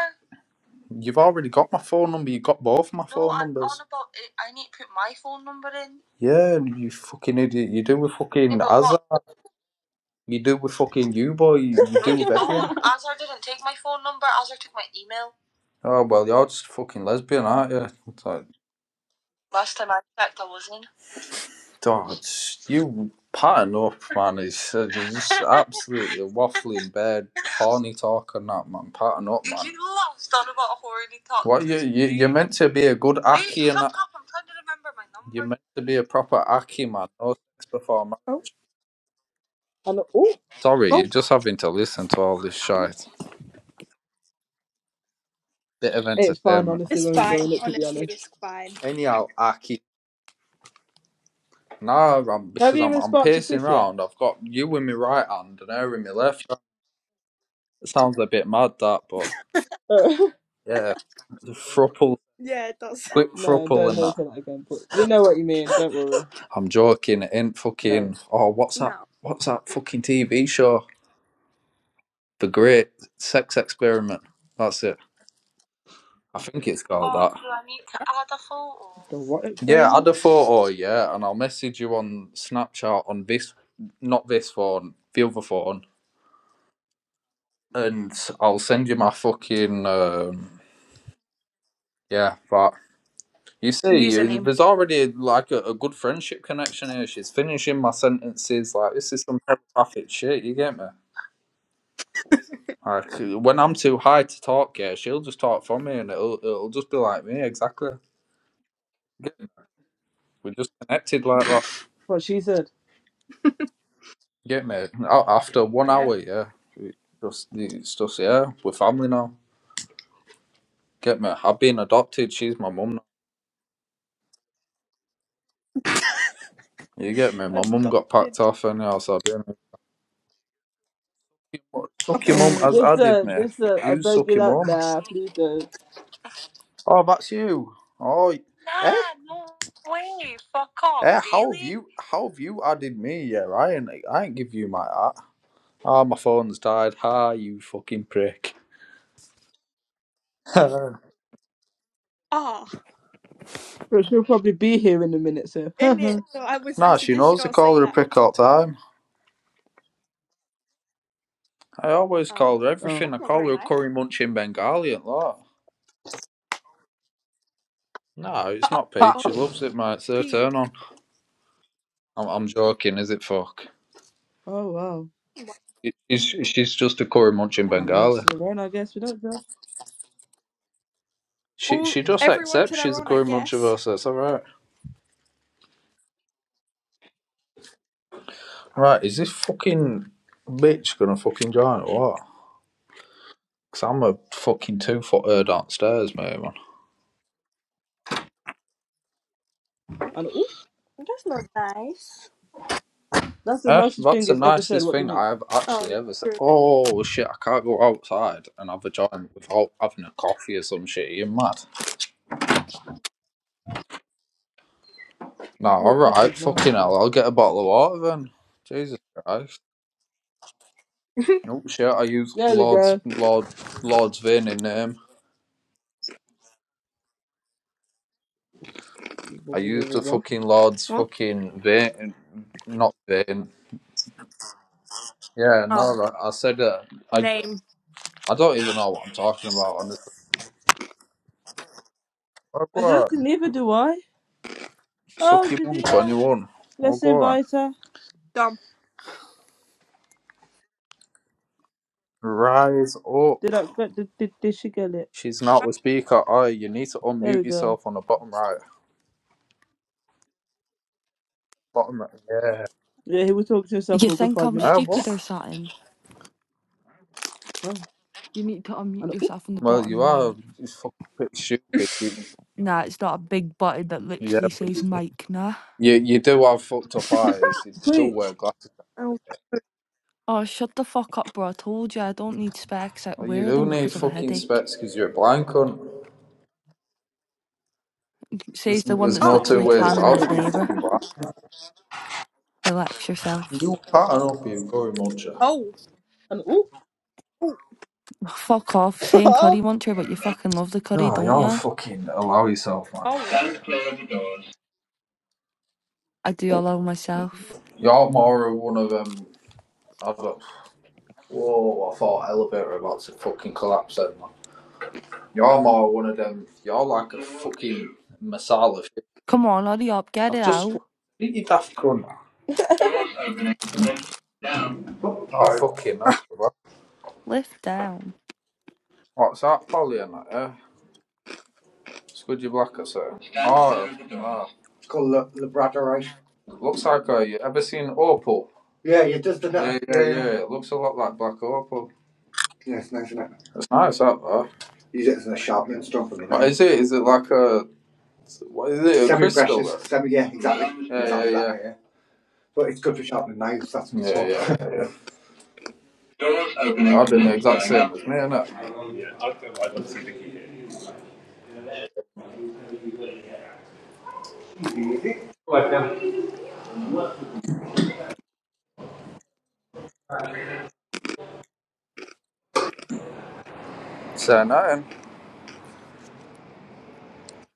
S3: You've already got my phone number. You got both my no, phone I'm numbers. On about it. I need to put my phone number in. Yeah, you fucking idiot. You do with fucking yeah, Asda. You do with fucking you, boy. You, you No, do with don't. everyone. Azar didn't take my phone number. Azar took my email. Oh well, you're just fucking lesbian, aren't you? It's like, Last time I checked, I wasn't. oh, it's you pattern up, man. It's uh, you're just absolutely waffling bed, horny talk and that, man. Pattern up, man. you lost on about horny talk What you you you're meant to be a good Wait, and that. up. I'm trying to remember my number. You're meant to be a proper aki, man. No sex before marriage.
S1: oh,
S2: And ooh,
S3: Sorry, you're
S1: oh.
S3: just having to listen to all this shite. bit of
S2: it's fine.
S3: entertainment.
S2: Honestly,
S1: It's
S2: we're
S1: fine.
S2: enjoying it. To be
S1: Honestly, it's
S2: honest,
S1: fine.
S3: Anyhow, I keep nah, I'm,
S2: have
S3: because
S2: you
S3: I'm
S2: even
S3: I'm
S2: sparked your
S3: pacing
S2: spliff yet?
S3: round. I've got you in my right hand and her in my left. It sounds a bit mad that, but
S2: Uh,
S3: yeah, the thruple,
S1: Yeah, it does.
S3: quick
S2: no,
S3: thruple,
S2: don't
S3: and
S2: never
S3: that.
S2: say that again. But we know what you mean. Don't worry.
S3: I'm joking. It ain't
S2: No,
S3: fucking. Oh, what's that?
S1: No.
S3: What's that fucking TV show? The Great Sex Experiment. That's it. I think it's called oh, that. Do I need to add a photo?
S2: the what
S3: Yeah, add a
S2: experiment?
S3: photo, yeah, and I'll message you on Snapchat on this, not this phone, the other phone, and I'll send you my fucking um, yeah. But you see,
S1: Username.
S3: there's already like a, a good friendship connection here. She's finishing my sentences like this is some telepathic shit. You get me? Like when I'm too high to talk, yeah, she'll just talk for me, and it'll it'll just be like me exactly. Get me? We're just connected like that.
S2: What she said.
S3: You get me? A- After one
S1: Yeah.
S3: hour, yeah, it just it's just yeah, we're family now. Get me? I've been adopted. She's my mum. now. You get me? My mum got
S1: adopted.
S3: packed off, and yeah, so I was like, Suck your mum as added
S2: Listen,
S3: me. mate.
S2: listen, I
S3: Who's
S2: don't
S3: suck
S2: get
S3: your
S2: out
S3: mum? That's
S2: now,
S3: me.
S2: please don't.
S3: Oh, that's you. Oh, y- eh? Nah, no way. Fuck off, Eh, how really? have really? you how have you added me? Yeah, I ain't I ain't give you my hat. Ah, oh, my phone's died. Ha, you fucking prick. nah,
S1: Ah,
S2: But she'll probably be here in a minute, so.
S1: in it. So I was. I
S3: she
S1: suggest you
S3: knows I
S1: don't
S3: call
S1: say
S3: her a
S1: that.
S3: prick all the time. I always
S1: Oh,
S3: call her
S2: oh.
S3: everything. I
S1: that's not
S3: call
S1: very
S3: her a
S1: nice.
S3: curry munching Bengali and that. No, it's
S1: Uh,
S3: not
S2: Ha.
S3: Pete. She
S1: oh,
S3: loves it, mate. It's her
S1: Pete.
S3: turn on. I'm, I'm joking. Is it fuck?
S2: Oh, wow.
S1: Wow,
S3: It, it's, she's just a curry munching
S2: I
S1: damn.
S2: mean, each
S3: Bengali.
S2: to their own, I guess. We don't know.
S3: She
S1: All
S3: she just
S1: everyone to
S3: accepts
S1: their
S3: she's a
S1: own, I
S3: Cory
S1: guess.
S3: Munchaverse. It's all right.
S1: Oh,
S3: Right, is this fucking
S1: okay.
S3: bitch gonna fucking join or what? Because I'm a fucking two footer downstairs, mate, man.
S1: Oh,
S2: And, oh,
S1: that's not nice.
S2: that's the
S3: Eh,
S2: nicest
S3: that's
S2: thing
S3: the
S2: it's ever said.
S3: nicest
S2: What do
S3: thing
S2: you mean?
S3: I have
S1: Oh,
S3: actually ever said.
S1: yeah,
S3: Oh shit, I can't go outside and have a joint without having a coffee or some shit. You're mad. No,
S2: Ooh, coffee
S3: alright,
S2: is
S3: fucking
S2: nasty.
S3: hell, I'll get a bottle of water then. Jesus Christ.
S1: true.
S3: Oh shit, I use
S2: There we
S3: Lord's
S2: go.
S3: Lord Lord's Vin in name.
S2: Wha- wha-
S3: I used
S2: wha-
S3: the
S2: wha- What?
S3: fucking Lord's
S1: what?
S3: fucking vein, not vein. Yeah,
S1: Oh,
S3: no, I said uh, I
S1: name
S3: I don't even know what I'm talking about. Honestly, oh, go
S2: Exactly,
S3: on,
S2: neither do I.
S3: suck
S2: Oh,
S3: your mum,
S2: Shadia.
S3: twenty one. Oh,
S2: Let's
S3: go on,
S2: invite her.
S1: dumb.
S3: rise up.
S2: Did I get, did, did, did she get it?
S3: She's not the speaker. Oh, you need to
S2: There
S3: unmute
S2: we go.
S3: yourself on the bottom right. Bottom right. Yeah.
S2: Yeah, he was talking to himself
S5: You
S2: for a good
S5: think
S2: five
S5: I'm
S3: Uh, what?
S2: minutes.
S5: stupid or something?
S2: Wow.
S5: You need to unmute
S2: And, oop.
S5: yourself on the
S3: Well,
S5: bottom
S3: you are
S5: right.
S3: you fucking pretty stupid. You,
S5: Nah, it's not a big button that
S3: yeah,
S5: literally
S3: but
S5: says
S3: you,
S5: mic, nah.
S3: you you do have fucked up eyes. You do
S2: Preach.
S3: wear glasses.
S1: oh,
S5: Oh, shut the fuck up, bro. I told you I don't need specs. I
S3: Well, you
S5: wear
S3: do
S5: them
S3: need
S5: because of a
S3: fucking
S5: headache.
S3: specs because you're a blind cunt. There's,
S5: Says the one
S3: there's
S5: that's
S3: no
S1: oh,
S3: two
S5: literally
S3: ways
S5: tanning
S3: about it.
S5: his
S3: You
S5: neighbour.
S3: fucking blind.
S5: Relax yourself.
S3: You pattern up, you gory muncher.
S1: oh,
S2: And oop.
S1: oh,
S5: Fuck off. Saying curry muncher, but you fucking love the curry,
S3: Oh,
S5: don't
S3: you're
S5: ya?
S3: fucking allow yourself, man.
S1: oh.
S5: I do, I love myself.
S3: You're more of one of them. I don't, whoa, I thought elevator about to fucking collapse then, man. You're more one of them. You're like a fucking masala shit.
S5: Come on, hurry up, get
S3: I've
S5: it
S3: just fucking.
S5: out.
S3: Did You daft cunt. Oh, fucking hell. bro.
S5: Lift down.
S3: What's that, Polly? and that, eh? Scudgy Blacker, so. Oh, oh. It's called La- Labradorite. Looks like a. You ever seen Opal? Yeah, it does the net. Yeah, yeah, yeah. yeah. It looks a lot like Black Opal. Yeah, it's nice, isn't it? That's nice, that, though. Use it as a sharpening stone for me. What is it? Is it like a. What is it? A crystal? Semi-precious. Semi, yeah, exactly. Yeah, exactly yeah, that, yeah. yeah. But it's good for sharpening knives, that's what's Yeah, yeah, yeah. I've been the exact same as me, innit? So, nothing.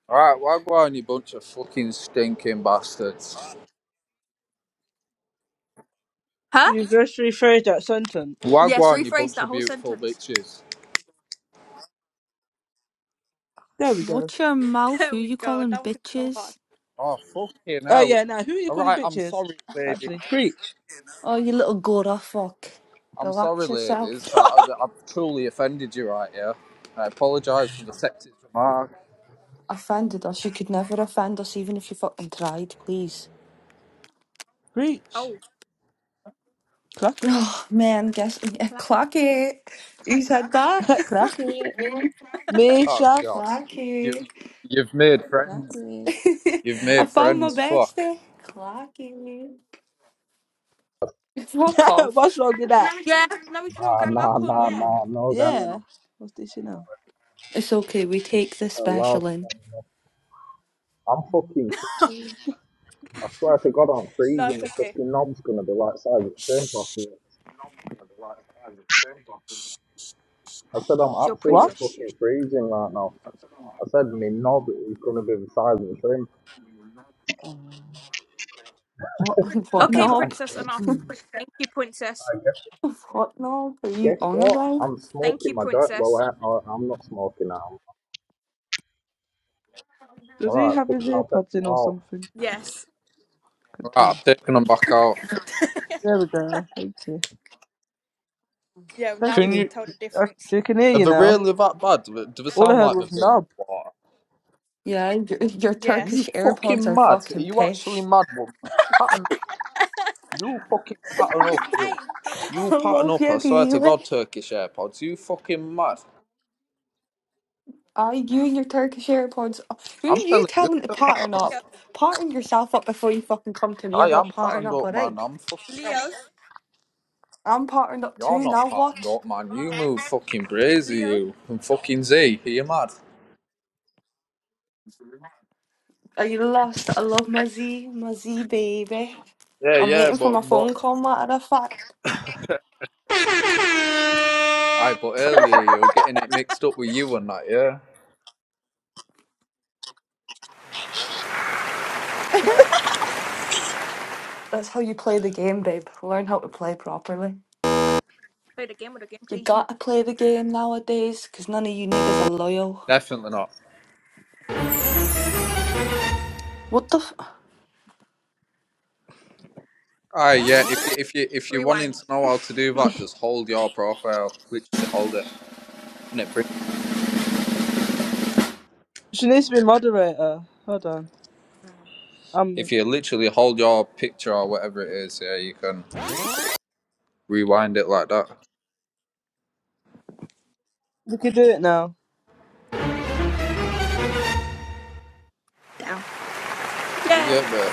S3: Alright, wagwan, you bunch of fucking stinking bastards.
S1: Huh?
S2: You just rephrased that sentence.
S1: Yes.
S3: Wagwan, you
S1: Rephrase
S3: bunch
S1: that
S3: of
S1: whole
S3: beautiful
S1: sentence.
S3: bitches.
S2: There we go.
S5: Watch your mouth, who
S1: There we
S5: you
S1: go.
S5: calling
S1: That wasn't so
S5: bitches?
S1: hard.
S3: Oh, fucking
S2: Oh
S3: hell.
S2: yeah, now who are you calling
S3: Alright, I'm
S2: bitches?
S3: sorry, ladies.
S2: Actually, preach.
S5: Oh, you little Gora fuck.
S3: I'm sorry,
S5: Relax
S3: ladies.
S5: yourself.
S3: I, I- have truly offended you right here. I apologise for the sexist remark.
S5: Offended us. You could never offend us even if you fucking tried, please.
S2: Preach.
S1: Oh,
S2: Clock it.
S5: Oh, man, guess. Yeah,
S1: clap.
S5: Clacky. Who said that?
S2: Clock it. Me,
S3: Oh,
S2: Shav.
S3: God. You,
S5: Clacky.
S3: you've made
S2: Clock
S3: friends.
S2: it.
S3: You've
S5: I
S3: made
S5: found my
S3: friends. Fuck.
S5: bestie. Clacky. Fuck off.
S2: What's wrong with that?
S1: Yeah, now we can all gang up on you.
S2: Yeah. What's this, you know?
S5: It's okay, we take the special in.
S1: No, it's okay. Shh, you're princess.
S2: What?
S1: Shh.
S3: A bit of the size of the trim.
S5: What, what
S1: Okay,
S5: knob?
S1: princess, enough. Thank you, princess.
S3: And guess,
S5: What knob are you
S3: guess
S5: on
S3: what?
S5: about?
S3: I'm
S1: Thank
S3: smoking
S1: you,
S3: my dirt. Well,
S1: princess.
S3: I, I, I'm not smoking now. All
S2: Does he
S3: right,
S2: have his
S3: fucking, I'll take
S2: earpods
S3: them
S2: in or
S3: out. All
S2: something?
S1: Yes.
S2: Continue.
S3: I've taken them back out.
S2: There we go. Thank you.
S1: Yeah, now
S2: Thank
S1: we
S3: Can
S2: you.
S1: can
S3: you...
S1: tell the
S2: I
S1: difference.
S2: we can hear
S3: Are
S2: you
S3: they
S2: now.
S3: really that bad? Do they do they
S2: All I
S3: sound
S2: heard
S3: like
S2: was
S3: they've been in
S2: knob.
S3: the water?
S5: Yeah, your, your
S1: Yes.
S3: You
S5: Turkish AirPods
S3: fucking
S5: are
S3: mad. Are
S5: fucking
S3: you actually
S5: pish.
S3: mad, woman? Pattern,
S1: hey,
S3: you fucking pattern up, you.
S1: don't be
S3: You
S5: I
S3: pattern
S1: horrible.
S5: love you,
S3: up, I swear to
S5: anyway.
S3: God, Turkish AirPods. You fucking mad.
S5: Aye, you and your Turkish AirPods. Who
S3: I'm
S5: are you
S3: telling you,
S5: telling to pattern
S1: Leo,
S5: up? Pattern yourself up before you fucking come to me
S3: I
S5: about
S3: am
S5: pattern
S3: patterned
S5: up,
S3: up, man.
S5: alright?
S3: I'm fucking.
S1: Leo,
S5: I'm patterned up
S3: You're
S5: too,
S3: not
S5: now
S3: patterned
S5: what?
S3: up, man. You move fucking brazy,
S1: Leo.
S3: you. And fucking Z. Are you mad?
S5: Are you lost? I love my Z, my Z baby.
S3: Yeah,
S5: I'm
S3: yeah,
S5: waiting for
S3: but.
S5: my
S3: but
S5: phone call, matter of fact.
S3: I. but earlier you were getting it mixed up with you and that, yeah?
S5: That's how you play the game, babe. Learn how to play properly.
S1: Play the game or the game
S5: You
S1: plays you.
S5: gotta play the game nowadays, 'cause none of you niggas are loyal.
S3: Definitely not.
S5: What the f-
S3: Aye, yeah, if, you, if, you, if you're wanting
S1: Rewind.
S3: to know how to do that, just hold your profile. Literally hold it. And it brings
S2: She needs to be moderator. Hold on.
S3: if
S2: Um,
S3: you literally hold your picture or whatever it is, yeah, you can rewind it like that.
S2: we can do it now.
S1: Down.
S3: You
S1: Yay.
S3: get me?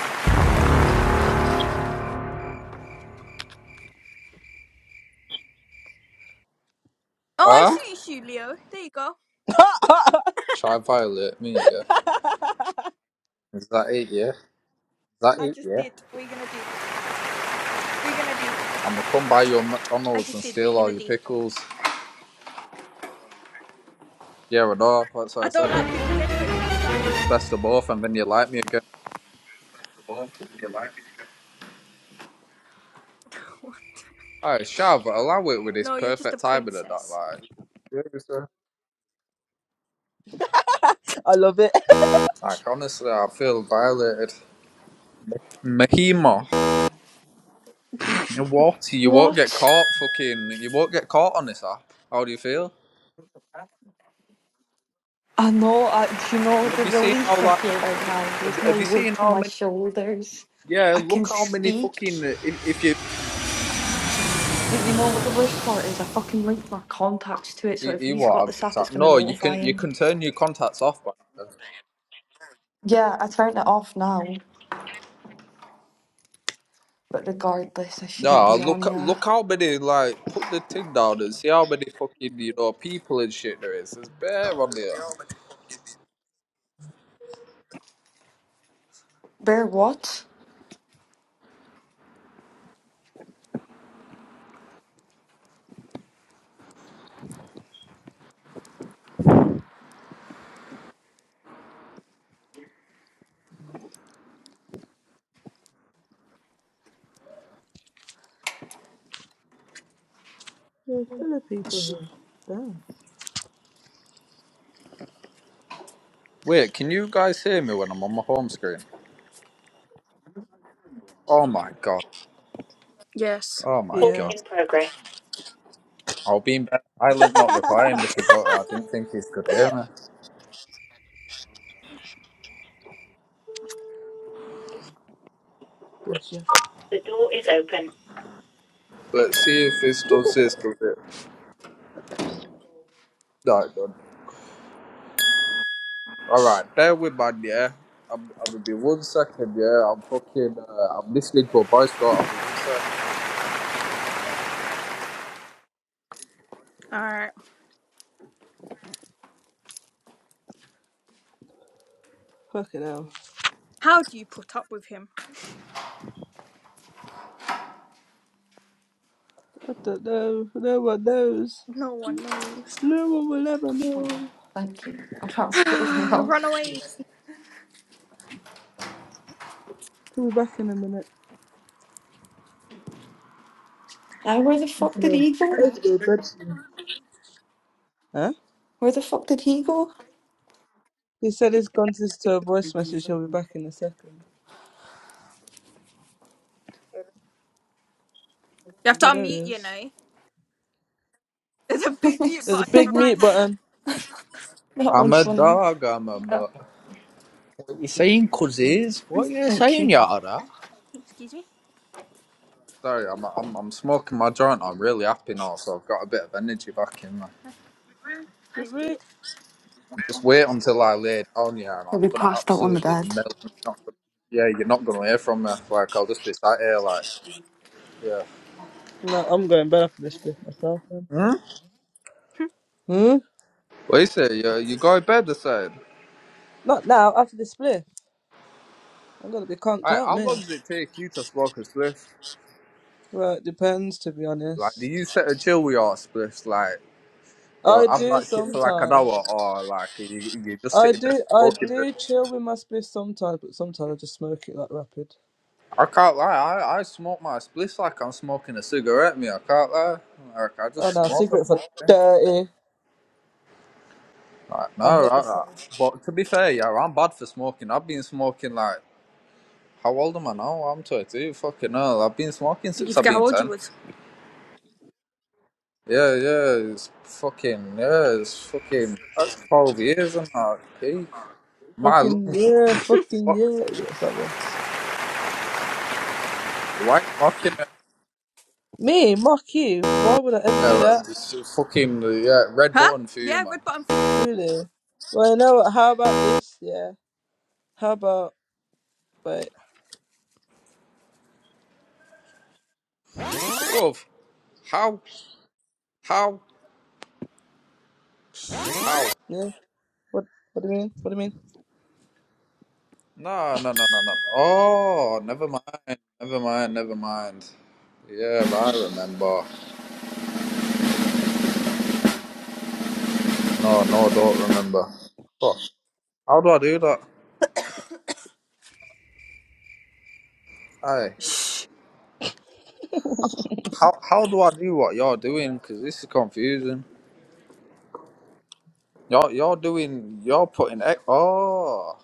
S1: Oh, I
S3: Huh?
S1: see you, Leo. There you go.
S3: Try violate me, yeah. Is that it, yeah? Is that
S1: I
S3: it,
S1: just
S3: yeah?
S1: did. What are you gonna do? What are you gonna do?
S3: I'ma come buy your
S1: I
S3: McDonald's
S1: just
S3: and
S1: did. What are you
S3: steal
S1: gonna
S3: all your
S1: do?
S3: pickles. Yeah, I know. that's why I
S1: I don't
S3: said it.
S1: like pickles anyway, so that's fine.
S3: It's best of both, and then you like me again. Alright, Shav, allow it with this
S1: No, you're just a
S3: perfect timing and that,
S1: princess.
S3: like. Seriously?
S2: I love it.
S3: Like, honestly, I feel violated. Mahima, you what? You won't get
S5: What?
S3: caught, fucking. You won't get caught on this app. How do you feel?
S5: I know, I, do you know
S3: And have
S5: the
S3: you seen how
S5: relief I
S3: like
S5: feel right
S3: pocket?
S5: now?
S3: Have,
S5: There's no
S3: have you seen
S5: weight on
S3: how
S5: my
S3: many?
S5: shoulders.
S3: Yeah,
S5: I can
S3: look how many
S5: speak.
S3: fucking. uh, If, if you,
S5: But you know what the worst part is? I fucking linked my contacts to it, so
S3: you,
S5: if
S3: you
S5: he's
S3: what?
S5: got
S3: I've-
S5: this
S3: it's
S5: app, it's
S3: like,
S5: going to
S3: No, you
S5: notify
S3: can you
S5: him.
S3: can turn your contacts off. Man.
S5: Yeah, I turned it off now, but regardless, I shouldn't
S3: No,
S5: be on
S3: look
S5: here.
S3: look how many like put the thing down and see how many fucking you know people and shit there is. There's bear on there.
S5: Bear what?
S2: There's hella people here. Damn.
S3: Wait, can you guys hear me when I'm on my home screen? Oh my god.
S1: yes.
S3: Oh my
S5: Call
S2: Yeah.
S3: god.
S5: in progress.
S3: I'll be in bed silent, not replying because I, I didn't think he's could hear me.
S2: Bless you.
S5: The door is open.
S3: Let's see if this does this. Does it? No, it don't. All right, bear with man, yeah. I'm, I'm gonna be one second, yeah. I'm fucking, uh, I'm listening to a bicycle. I'll be one sec.
S1: Alright.
S2: Fucking hell.
S1: How do you put up with him?
S2: I don't know. No one knows.
S1: No one knows.
S2: No one will ever know.
S5: Thank you. I transferred it over now.
S1: Run away.
S2: He'll be back in a minute.
S5: Now, where the fuck
S2: Fucking
S5: did
S2: hell.
S5: he go?
S2: I need to go to bed soon. Huh?
S5: Where the fuck did he go?
S2: He said he's gone to listen to a voice message. He'll be back in a second.
S1: You have to
S2: Oh, there he
S1: unmute, you
S2: is.
S1: know. There's a big mute
S2: There's a
S1: button on
S2: big
S1: the right
S2: mute
S5: that
S1: hand.
S2: button.
S3: I'm
S5: one's
S3: a
S5: funny.
S3: dog. I'm a
S5: Uh,
S3: mutt. What you saying, cuzzies? What you
S5: Thank
S3: saying,
S5: you.
S3: Yara?
S1: Excuse me?
S3: Sorry, I'm, I'm, I'm smoking my joint. I'm really happy now, so I've got a bit of energy back in me.
S1: Uh,
S2: Wait,
S1: That's good.
S2: wait.
S3: Just wait until I lay down, yeah, and
S5: He'll
S3: I'm
S5: be
S3: gonna
S5: passed out on the
S3: absolutely
S5: bed.
S3: melt. You're not gonna, yeah, you're not gonna hear from me. Like I'll just be sat here, like, yeah.
S2: No, I'm going bed after this split myself, man.
S3: Hmm?
S2: Hmm?
S3: What you say? You, you go to bed, I said.
S2: Not now, after the split. I'm gonna be conked
S3: Alright,
S2: out,
S3: how
S2: man.
S3: long does it take you to smoke a spliff?
S2: Well, it depends, to be
S3: Like, do
S2: honest.
S3: you sit and chill with your spliffs? Like, you'll
S2: I
S3: have
S2: do
S3: that shit for like an
S2: sometimes.
S3: hour, or like you you just
S2: I
S3: sitting there
S2: do. I
S3: smoking it.
S2: do chill with my spliff sometimes, but sometimes I just smoke it like rapid.
S3: I can't lie. I I smoke my spliffs like I'm smoking a cigarette. Me, I can't lie. Like, I just
S2: Oh no,
S3: smoke the
S2: cigarettes are
S3: full thing.
S2: dirty.
S3: Like,
S2: I
S3: no,
S2: hate
S3: I,
S2: the
S3: I,
S2: smell.
S3: but to be fair, yeah, I'm bad for smoking. I've been smoking like how old am I now? I'm 22. Fucking hell, I've been smoking
S1: Did you
S3: since I've
S1: forget how
S3: been
S1: old you
S3: 10.
S1: was?
S3: Yeah, yeah, it's fucking yeah, it's fucking. That's 12 years and that peak. My lungs
S2: Fucking yeah, fucking
S3: are fucked.
S2: yeah. yeah sorry.
S3: Why are you mocking it?
S2: Me, mock you. Why would I ever
S3: Yeah,
S2: do
S3: right,
S2: that?
S3: this is fucking uh, yeah, red
S1: Huh?
S3: button for you,
S1: Yeah,
S3: man.
S1: red button.
S2: Really? Well, you know what? How about this? Yeah. How about wait?
S3: Bro, how, how, how?
S2: Yeah. What? What do you mean? What do you mean?
S3: No, no, no, no, no. Oh, never mind, never mind, never mind. Yeah, I remember. No, no, don't remember. Fuck. How do I do that? Aye.
S1: Shh.
S3: How how do I do what you're doing? Cause this is confusing. You're you're doing you're putting e- oh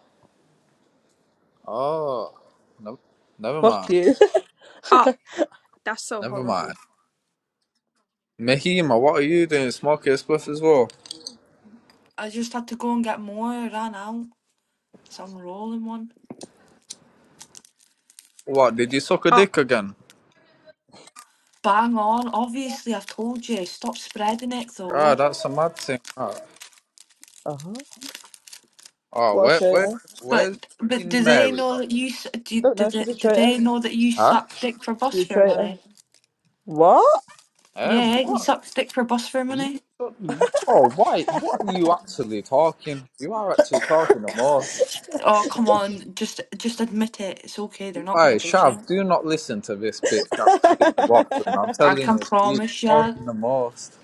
S3: oh no never
S2: Fuck
S3: mind
S2: you.
S1: Oh, that's so
S3: never mind.
S1: horrible.
S3: Mahima, what are you doing smoking a spliff as well?
S5: I just had to go and get more. I ran out. So I'm rolling one.
S3: What, did you suck a
S1: Oh,
S3: dick again?
S5: Bang on. Obviously, I've told you. Stop spreading it,
S3: Ah,
S5: though.
S3: that's a mad thing. Ah,
S2: uh huh.
S3: ah
S2: What a
S3: where, where,
S2: traitor.
S3: where's
S5: But but
S3: fucking
S5: do they
S3: Mary
S5: know
S3: gone?
S5: that you s- do?
S2: Don't
S5: Do
S2: know.
S5: they,
S2: She's a
S5: do
S2: traitor.
S5: they know that you
S3: Huh?
S5: suck dick for
S2: She's
S5: bus
S2: a
S5: fare
S2: traitor.
S5: money?
S2: What?
S3: Eh,
S5: Yeah, you
S3: what?
S5: suck dick for bus fare
S3: You,
S5: money.
S3: oh, why, what are you actually talking? You are actually talking the most.
S5: Oh come on, just just admit it. It's okay. They're not gonna
S3: Aye,
S5: judge
S3: Shav,
S5: you.
S3: do not listen to this bitch absolutely waffling. I'm
S5: I
S3: telling
S5: can
S3: you, she's
S5: promise ya.
S3: talking the most.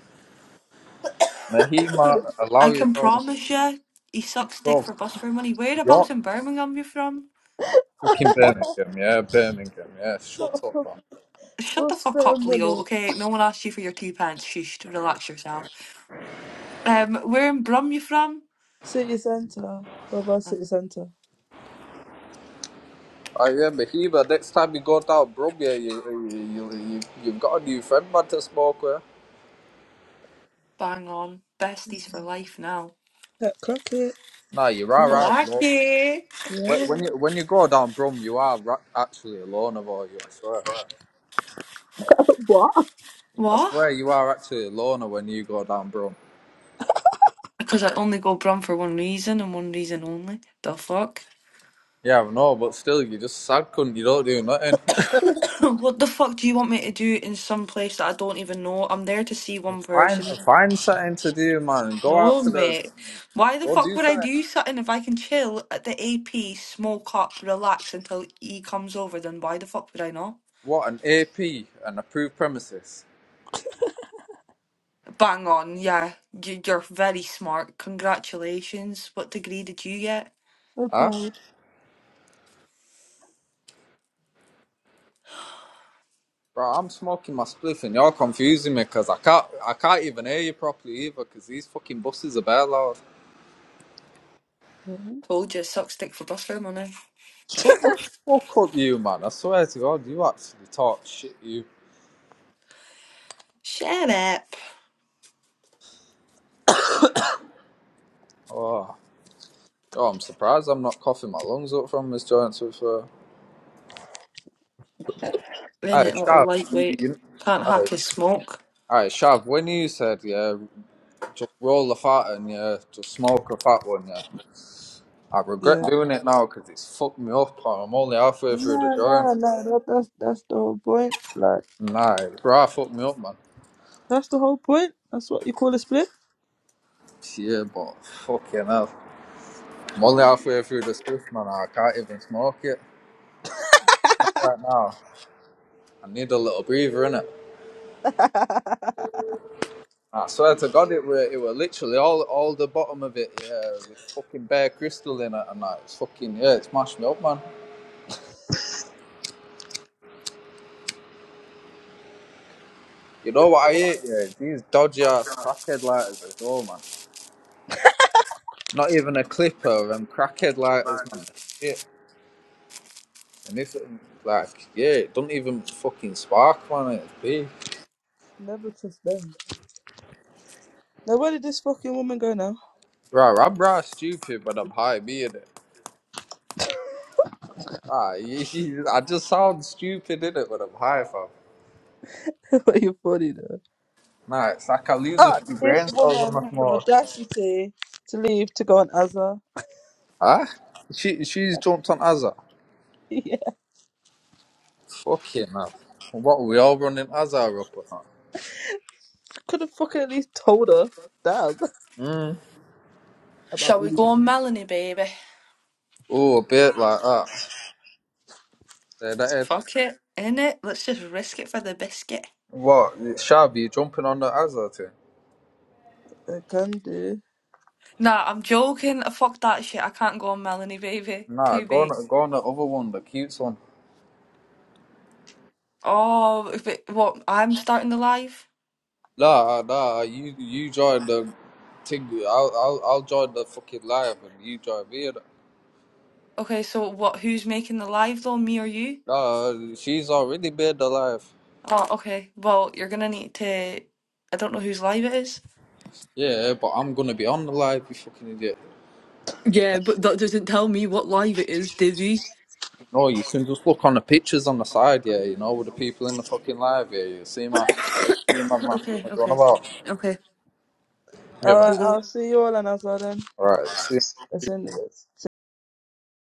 S3: Mahima, allow
S5: I can
S3: yourself,
S5: promise ya. He sucks dick
S3: bro,
S5: for bus fare money.
S3: York,
S5: Whereabouts in Birmingham you from?
S3: fucking Birmingham, yeah, Birmingham, yeah, shut up, man.
S5: Shut the
S2: What's
S5: fuck
S2: their
S5: up, Leo,
S2: money?
S5: okay? No one asked you for your two pants. Shush, relax yourself. Um, where in Brum you from?
S2: City Centre. Brother
S5: Oh,
S2: City Centre.
S3: I but a But Next time you go down Brumia, you, you, you, you, you've got a new friend, man, to smoke with.
S5: bang on. Besties for life now.
S2: Yeah, clock it.
S3: Nah, you are
S2: Mm.
S3: out alone.
S5: Lucky.
S3: When
S2: Yeah.
S3: when you, when you go down Brum, you are ra- actually a loner, boy, you, I swear. I
S5: What?
S3: swear you are actually a loner when you go down Brum.
S5: Because I only go Brum for one reason and one reason only. The fuck?
S3: Yeah, I know, but still, you're just sad, cunt. You don't do nothing.
S5: what the fuck do you want me to do in some place that I don't even know? I'm there to see one
S3: find,
S5: person.
S3: find something to do, man. Go out
S5: No,
S3: to the...
S5: mate. Why the
S3: Go
S5: fuck
S3: do
S5: would I
S3: something.
S5: do something if I can chill at the AP, smoke up, relax until E comes over? Then why the fuck would I not?
S3: What, an AP, an approved premises?
S5: Bang on, yeah. You- You're very smart. Congratulations. What degree did you get?
S2: So
S3: Huh?
S2: proud.
S3: Bro, I'm smoking my spliff and y'all confusing me because I can't I can't even hear you properly either because these fucking buses are bare loud.
S2: Mhm.
S5: Told you, suck stick for bus fare money.
S3: Shut the fuck up, you man! I swear to God, you actually talk shit, you.
S5: Shut up.
S3: Oh, yo, I'm surprised I'm not coughing my lungs up from this joint. So, so.
S5: In
S3: Hey,
S5: it, little
S3: Shav, you,
S5: lightweight.
S3: you,
S5: Can't
S3: hey,
S5: hack his smoke.
S3: hey, Shav, when you said yeah, just roll the fat and yeah, just smoke a fat one, yeah, I regret
S2: Yeah.
S3: doing it now because it's fucked me up. I'm only halfway through the
S2: Nah,
S3: joint.
S2: nah, nah. That, that's that's the whole point. Like
S3: Nah, bro, fucked me up, man.
S2: that's the whole point. That's what you call a split.
S3: Yeah, but fucking hell. I'm only halfway through the swift, man. I can't even smoke it. Not right now. I need a little breather, innit? I swear to God, it were, it were literally all all the bottom of it, yeah, with fucking bare crystal in it and that. It's fucking, yeah, it's mashed me up, man. You know what I hate, yeah? It's these dodgy ass crackhead lighters as well, man. Not even a clipper, them crackhead lighters, man. Shit. And this, like, yeah, it don't even fucking spark, man. It's big.
S2: Never trust them. Now where did this fucking woman go now?
S3: Right, I'm right stupid, but I'm high beard. Ah, I just sound stupid in it when I'm high, fam.
S2: You're funny though.
S3: Nah, it's like I lose a
S2: Oh,
S3: few brain
S2: this
S3: cells on
S2: woman
S3: that
S2: had the
S3: mark.
S2: audacity to leave to go on Azza.
S3: Ah, she she's jumped on Azar.
S2: Yeah,
S3: Fucking hell. What we all running Azar up or not?
S2: could have fucking at least told her damn
S3: Mm.
S2: about
S5: Shall we go on
S2: leaving.
S5: Melanie, baby?
S3: Oh, a bit like that. Yeah, that is
S5: Fuck it. In it, let's just risk it for the biscuit.
S3: what Shabby jumping on the Azar thing.
S2: I can do.
S5: Nah, I'm joking. Fuck that shit. I can't go on Melanie, baby.
S3: Nah,
S5: Too
S3: go
S5: big.
S3: on, go on the other one, the cute one.
S5: Oh, but what? I'm starting the live.
S3: Nah, nah, you you join the thing. I'll I'll I'll join the fucking live and you join me. in it.
S5: Okay, so what? Who's making the live though? Me or you?
S3: Nah, she's already made the live.
S5: Oh, okay. Well, you're gonna need to. I don't know whose live it is.
S3: Yeah, but I'm gonna be on the live, you fucking idiot.
S5: Yeah, but that doesn't tell me what live it is, Divvy.
S3: No, you can just look on the pictures on the side, yeah, you know, with the people in the fucking live, yeah, you see my. See my man.
S5: Okay,
S3: What you on
S5: okay,
S3: about?
S5: okay.
S3: Yeah,
S2: All
S3: man.
S2: right,
S5: Hold on.
S2: I'll see you all on Azza then.
S3: Alright, see you.
S2: It's in this.